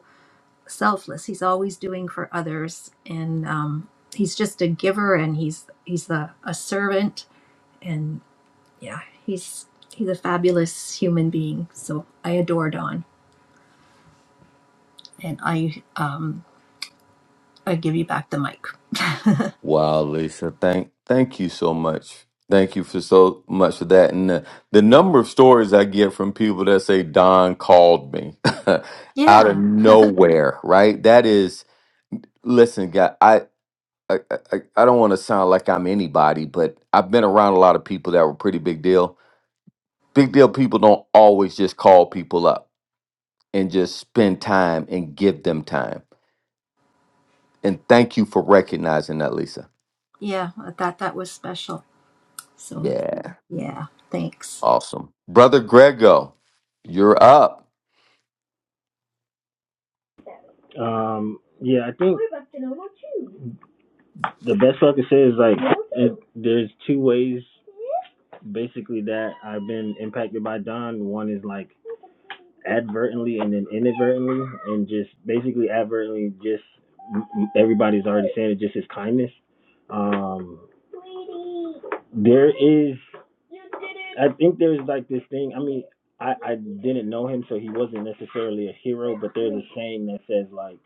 Speaker 6: selfless. He's always doing for others, and um, he's just a giver, and he's he's a, a servant, and yeah, he's he's a fabulous human being. So I adore Don, and I um, I give you back the mic.
Speaker 2: Wow, Lisa, thank thank you so much. Thank you for so much for that, and the, the number of stories I get from people that say Don called me out of
Speaker 6: Yeah,
Speaker 2: nowhere, right? That is Listen, guy, I I I, I don't want to sound like I'm anybody, but I've been around a lot of people that were pretty big deal. Big deal people don't always just call people up and just spend time and give them time. And thank you for recognizing that, Lisa.
Speaker 6: yeah, I thought that was special. So
Speaker 2: Yeah,
Speaker 6: yeah, thanks.
Speaker 2: awesome, brother Grego, you're up.
Speaker 9: Um, yeah, I think the best I can say is like it, there's two ways. basically that I've been impacted by Don. One is like advertently and then inadvertently, and just basically advertently, just everybody's already saying it, just his kindness. Um, there is, I think there's like this thing. I mean, I I didn't know him, so he wasn't necessarily a hero. But there's a saying that says like,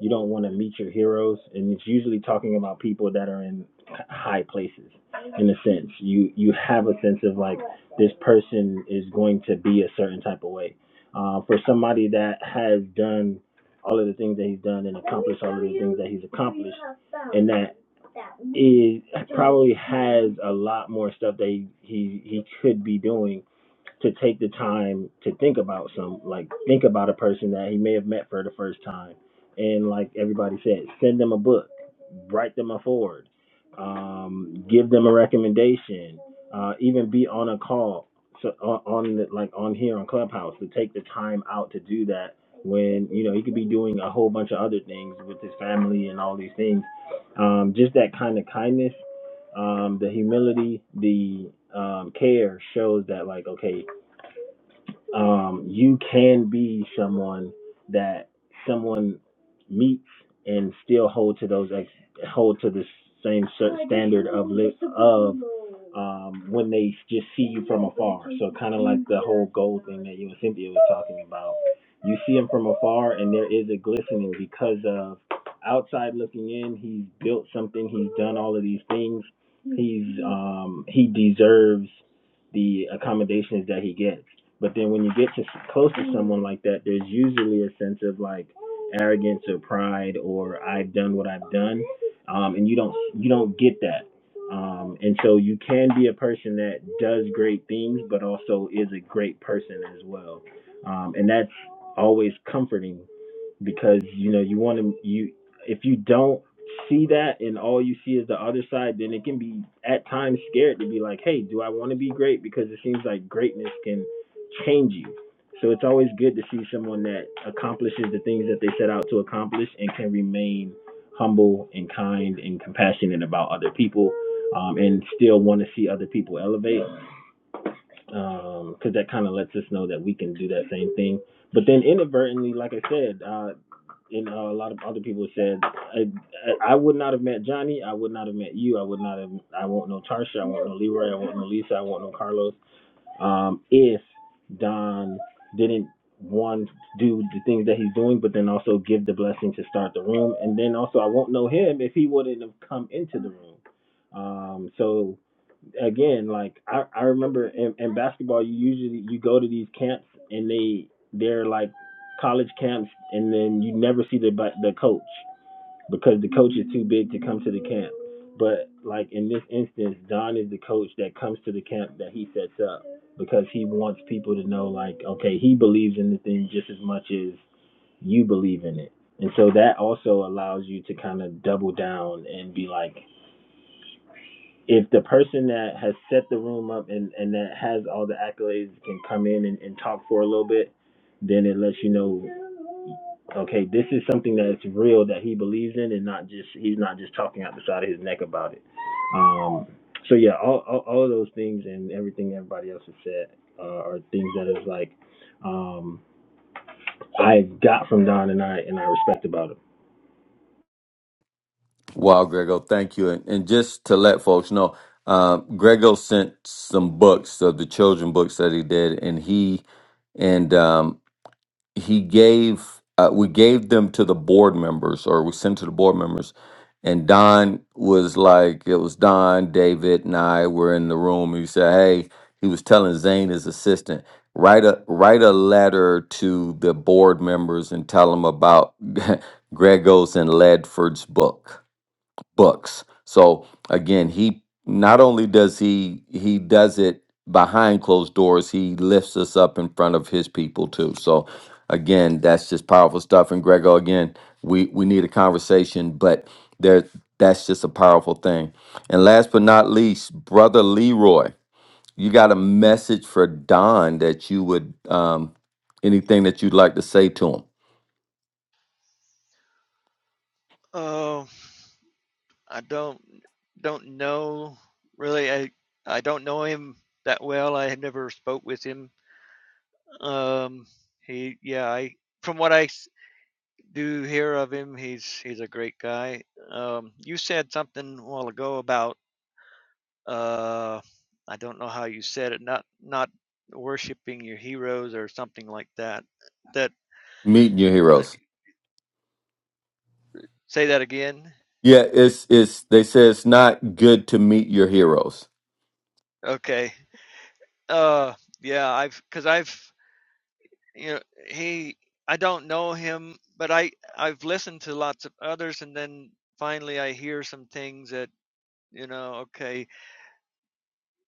Speaker 9: you don't want to meet your heroes, and it's usually talking about people that are in high places. In a sense, you you have a sense of like this person is going to be a certain type of way. Uh, for somebody that has done all of the things that he's done and accomplished all of the things that he's accomplished, and that is probably has a lot more stuff that he he, he could be doing to take the time to think about some like think about a person that he may have met for the first time and like everybody said send them a book write them a forward um, give them a recommendation uh, even be on a call so on, on the, like on here on clubhouse to take the time out to do that when you know he could be doing a whole bunch of other things with his family and all these things um, just that kind of kindness um, the humility the um, care shows that like okay um, you can be someone that someone meets and still hold to those ex- hold to the same cer- standard of li- of um, when they just see you from afar. So kind of like the whole gold thing that you and Cynthia was talking about. You see him from afar, and there is a glistening because of outside looking in. He's built something. He's done all of these things. He's um, he deserves the accommodations that he gets. But then when you get to close to someone like that, there's usually a sense of like arrogance or pride or I've done what I've done, um, and you don't you don't get that. Um, and so you can be a person that does great things, but also is a great person as well. Um, and that's always comforting because you know you want to you if you don't see that and all you see is the other side then it can be at times scared to be like hey do i want to be great because it seems like greatness can change you so it's always good to see someone that accomplishes the things that they set out to accomplish and can remain humble and kind and compassionate about other people um, and still want to see other people elevate because that kind of lets us know that we can do that same thing but then inadvertently, like I said, uh, you know, a lot of other people said I, I would not have met Johnny. I would not have met you. I would not have. I won't know Tarsha. I won't know Leroy. I won't know Lisa. I won't know Carlos. Um, if Don didn't one do the things that he's doing, but then also give the blessing to start the room, and then also I won't know him if he wouldn't have come into the room. Um, so again, like I, I remember in, in basketball, you usually you go to these camps and they they're like college camps, and then you never see the the coach because the coach is too big to come to the camp. But like in this instance, Don is the coach that comes to the camp that he sets up because he wants people to know like okay, he believes in the thing just as much as you believe in it. And so that also allows you to kind of double down and be like, if the person that has set the room up and, and that has all the accolades can come in and, and talk for a little bit, then it lets you know, okay, this is something that's real that he believes in and not just he's not just talking out the side of his neck about it. Um, so yeah, all, all all of those things and everything everybody else has said uh, are things that is like um, I got from Don and I and I respect about him.
Speaker 2: Wow, Grego, thank you. And, and just to let folks know, um, Grego sent some books of the children books that he did, and he and um, he gave uh, we gave them to the board members or we sent to the board members and don was like it was don david and i were in the room he said hey he was telling zane his assistant write a write a letter to the board members and tell them about gregos and ledford's book books. So again, he not only does he he does it behind closed doors, he lifts us up in front of his people too. So again, that's just powerful stuff. And Grego, again, we we need a conversation, but there that's just a powerful thing. And last but not least, brother Leroy, you got a message for Don that you would um anything that you'd like to say to him.
Speaker 7: Oh, I don't don't know really. I I don't know him that well. I had never spoke with him. Um, he yeah. I from what I do hear of him. He's he's a great guy. Um, you said something a while ago about uh, I don't know how you said it, not not worshiping your heroes or something like that. That,
Speaker 2: Meeting your
Speaker 7: that
Speaker 2: heroes.
Speaker 7: say that again.
Speaker 2: Yeah, it's it's they say it's not good to meet your heroes.
Speaker 7: Okay. Uh, yeah, I've because I've you know he I don't know him, but I I've listened to lots of others, and then finally I hear some things that you know. Okay,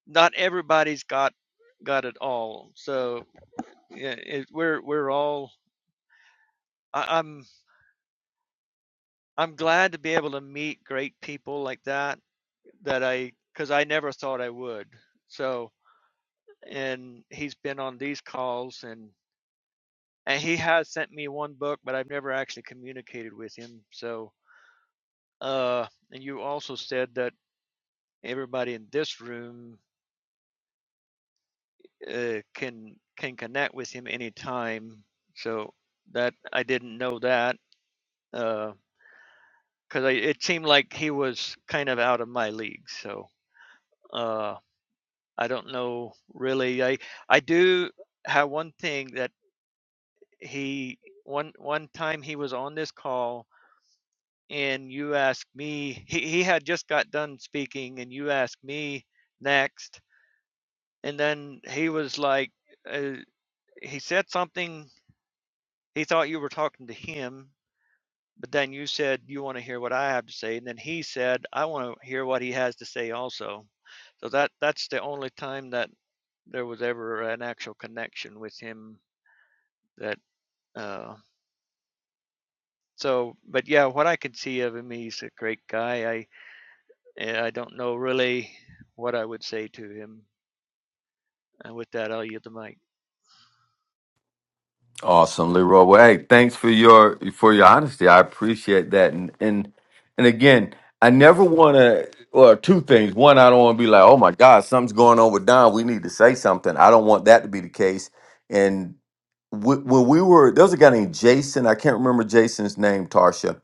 Speaker 7: not everybody's got got it all. So yeah, it, we're we're all. I, I'm I'm glad to be able to meet great people like that that I because I never thought I would. So and he's been on these calls and and he has sent me one book, but I've never actually communicated with him. So uh, and you also said that everybody in this room uh, can can connect with him anytime. So that I didn't know that. uh. because it seemed like he was kind of out of my league. So uh, I don't know really. I I do have one thing that he one one time he was on this call and you asked me he, he had just got done speaking and you asked me next and then he was like uh, he said something he thought you were talking to him but then you said you want to hear what i have to say and then he said i want to hear what he has to say also So that that's the only time that there was ever an actual connection with him that uh so but yeah what i can see of him he's a great guy i eh, i don't know really what i would say to him and with that i'll yield the mic
Speaker 2: Awesome, Leroy. Well, hey, thanks for your for your honesty. I appreciate that. And and and again, I never want to. Well, two things. One, I don't want to be like, oh my God, something's going on with Don. We need to say something. I don't want that to be the case. And wh- when we were, there was a guy named Jason. I can't remember Jason's name, Tarsha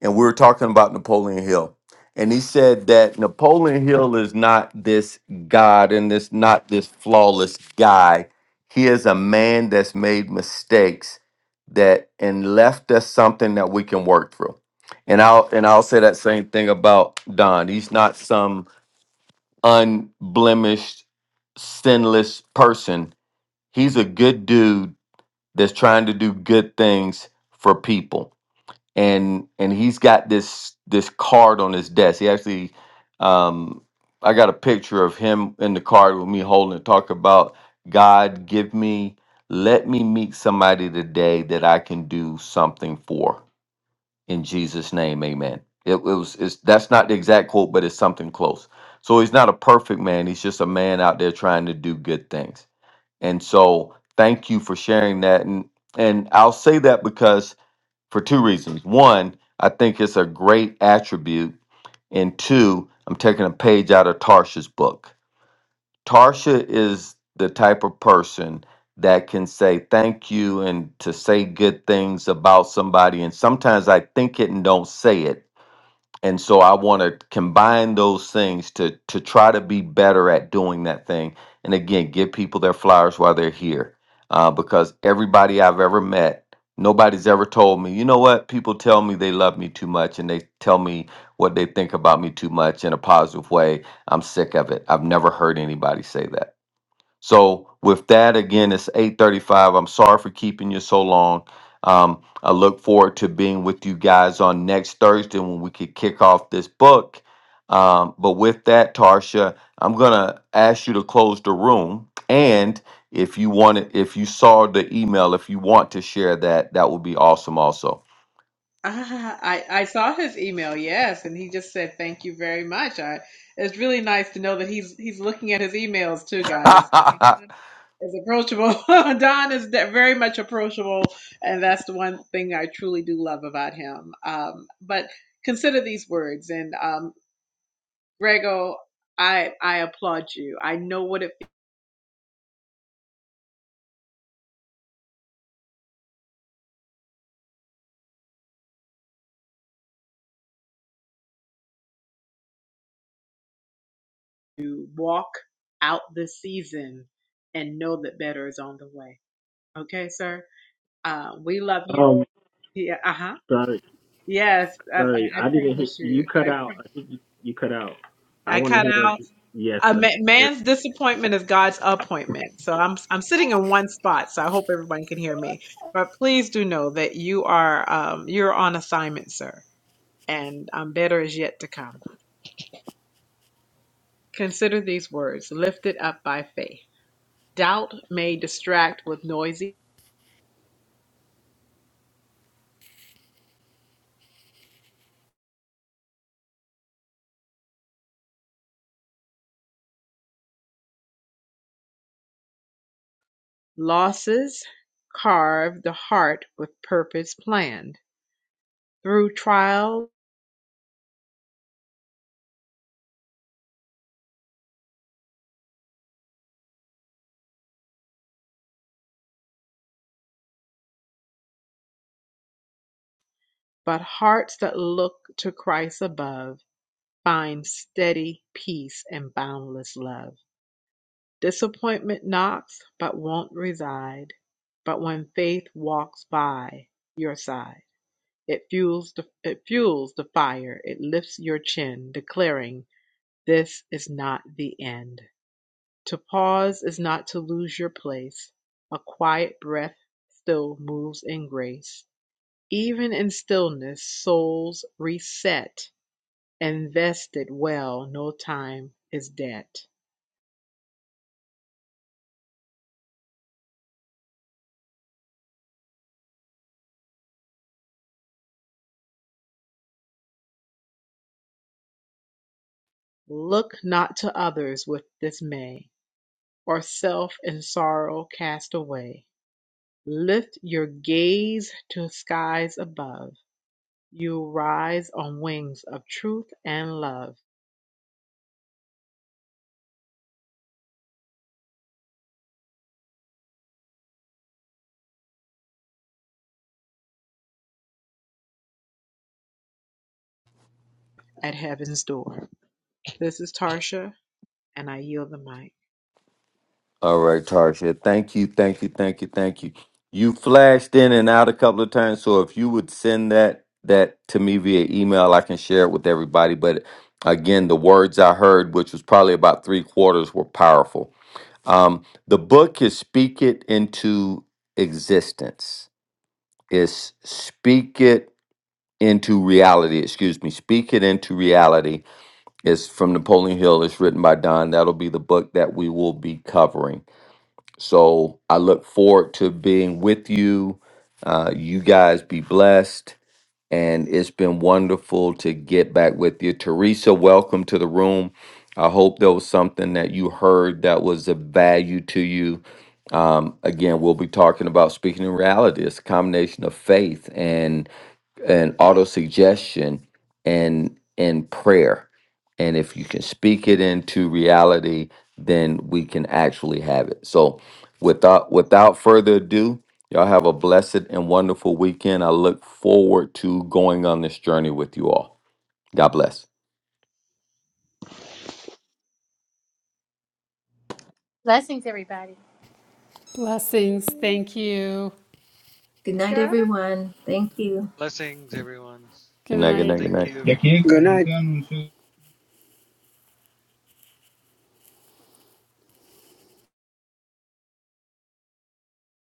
Speaker 2: and we were talking about Napoleon Hill. And he said that Napoleon Hill is not this God and this not this flawless guy. He is a man that's made mistakes that and left us something that we can work through. And I'll and I'll say that same thing about Don. He's not some unblemished, sinless person. He's a good dude that's trying to do good things for people and and he's got this this card on his desk. He actually, um, I got a picture of him in the card with me holding it. Talk about God, give me, let me meet somebody today that I can do something for. In Jesus' name, Amen. It, it was it's, that's not the exact quote, but it's something close. So he's not a perfect man. He's just a man out there trying to do good things. And so, thank you for sharing that. And and I'll say that because for two reasons. One, I think it's a great attribute. And two, I'm taking a page out of Tarsha's book. Tarsha is the type of person that can say thank you and to say good things about somebody. And sometimes I think it and don't say it and so i want to combine those things to to try to be better at doing that thing and again give people their flowers while they're here uh, because everybody i've ever met nobody's ever told me you know what people tell me they love me too much and they tell me what they think about me too much in a positive way i'm sick of it i've never heard anybody say that so with that, again, it's eight thirty-five. I'm sorry for keeping you so long. Um, I look forward to being with you guys on next Thursday when we could kick off this book. Um, but with that, Tarsha, I'm gonna ask you to close the room. And if you wanted, if you saw the email, if you want to share that, that would be awesome. Also,
Speaker 4: Ah, I, I saw his email, yes, and he just said thank you very much. I it's really nice to know that he's he's looking at his emails too, guys. Don Is approachable. Don is de- very much approachable, and that's the one thing I truly do love about him. Um, but consider these words, and um, Grego, I I applaud you. I know what it feels to walk out this season and know that better is on the way. Okay, sir. Uh, we love you.
Speaker 9: Um,
Speaker 4: Yeah. Uh huh
Speaker 9: sorry.
Speaker 4: Yes, I, I I
Speaker 9: Sorry, I didn't hear
Speaker 4: promise
Speaker 9: you
Speaker 4: you. I
Speaker 9: cut out. I
Speaker 4: pro-
Speaker 9: think you, you cut out. I
Speaker 4: I
Speaker 9: want to
Speaker 4: cut
Speaker 9: hear what
Speaker 4: out
Speaker 9: you, yes,
Speaker 4: a
Speaker 9: and
Speaker 4: ma-
Speaker 9: I
Speaker 4: man's disappointment is God's appointment. So I'm I'm sitting in one spot. So I hope everyone can hear me. But please do know that you are um you're on assignment, sir, and um better is yet to come. Consider these words: lifted up by faith. Doubt may distract with noisy losses. Carve the heart with purpose planned through trial, but hearts that look to Christ above Find steady peace and boundless love. Disappointment knocks, but won't reside. But when faith walks by your side, it fuels the, it fuels the fire. It lifts your chin, declaring, "This is not the end." To pause is not to lose your place. A quiet breath still moves in grace. Even in stillness, souls reset. Invested well, no time is debt. Look not to others with dismay, Or self in sorrow cast away; Lift your gaze to skies above, you rise on wings of truth and love At heaven's door. This is Tarsha, and I yield the mic.
Speaker 2: All right, Tarsha. Thank you, thank you, thank you, thank you. You flashed in and out a couple of times, so if you would send that that to me via email, I can share it with everybody. But again, the words I heard, which was probably about three quarters, were powerful. Um, the book is "Speak It Into Existence." It's "Speak It Into Reality." Excuse me, "Speak It Into Reality." It's from Napoleon Hill. It's written by Don. That'll be the book that we will be covering. So I look forward to being with you. Uh, you guys be blessed. And it's been wonderful to get back with you. Teresa, welcome to the room. I hope there was something that you heard that was of value to you. Um, again, we'll be talking about speaking in reality. It's a combination of faith. and and auto suggestion and and prayer and if you can speak it into reality then we can actually have it so without without further ado y'all have a blessed and wonderful weekend i look forward to going on this journey with you all god bless
Speaker 1: Blessings, everybody.
Speaker 5: Blessings. Thank you.
Speaker 6: Good
Speaker 4: You
Speaker 6: night,
Speaker 4: got it.
Speaker 6: everyone. Thank you.
Speaker 7: blessings everyone
Speaker 2: good
Speaker 5: Good
Speaker 2: night good
Speaker 5: night.
Speaker 2: night good
Speaker 7: thank
Speaker 2: night
Speaker 7: you
Speaker 3: Good night.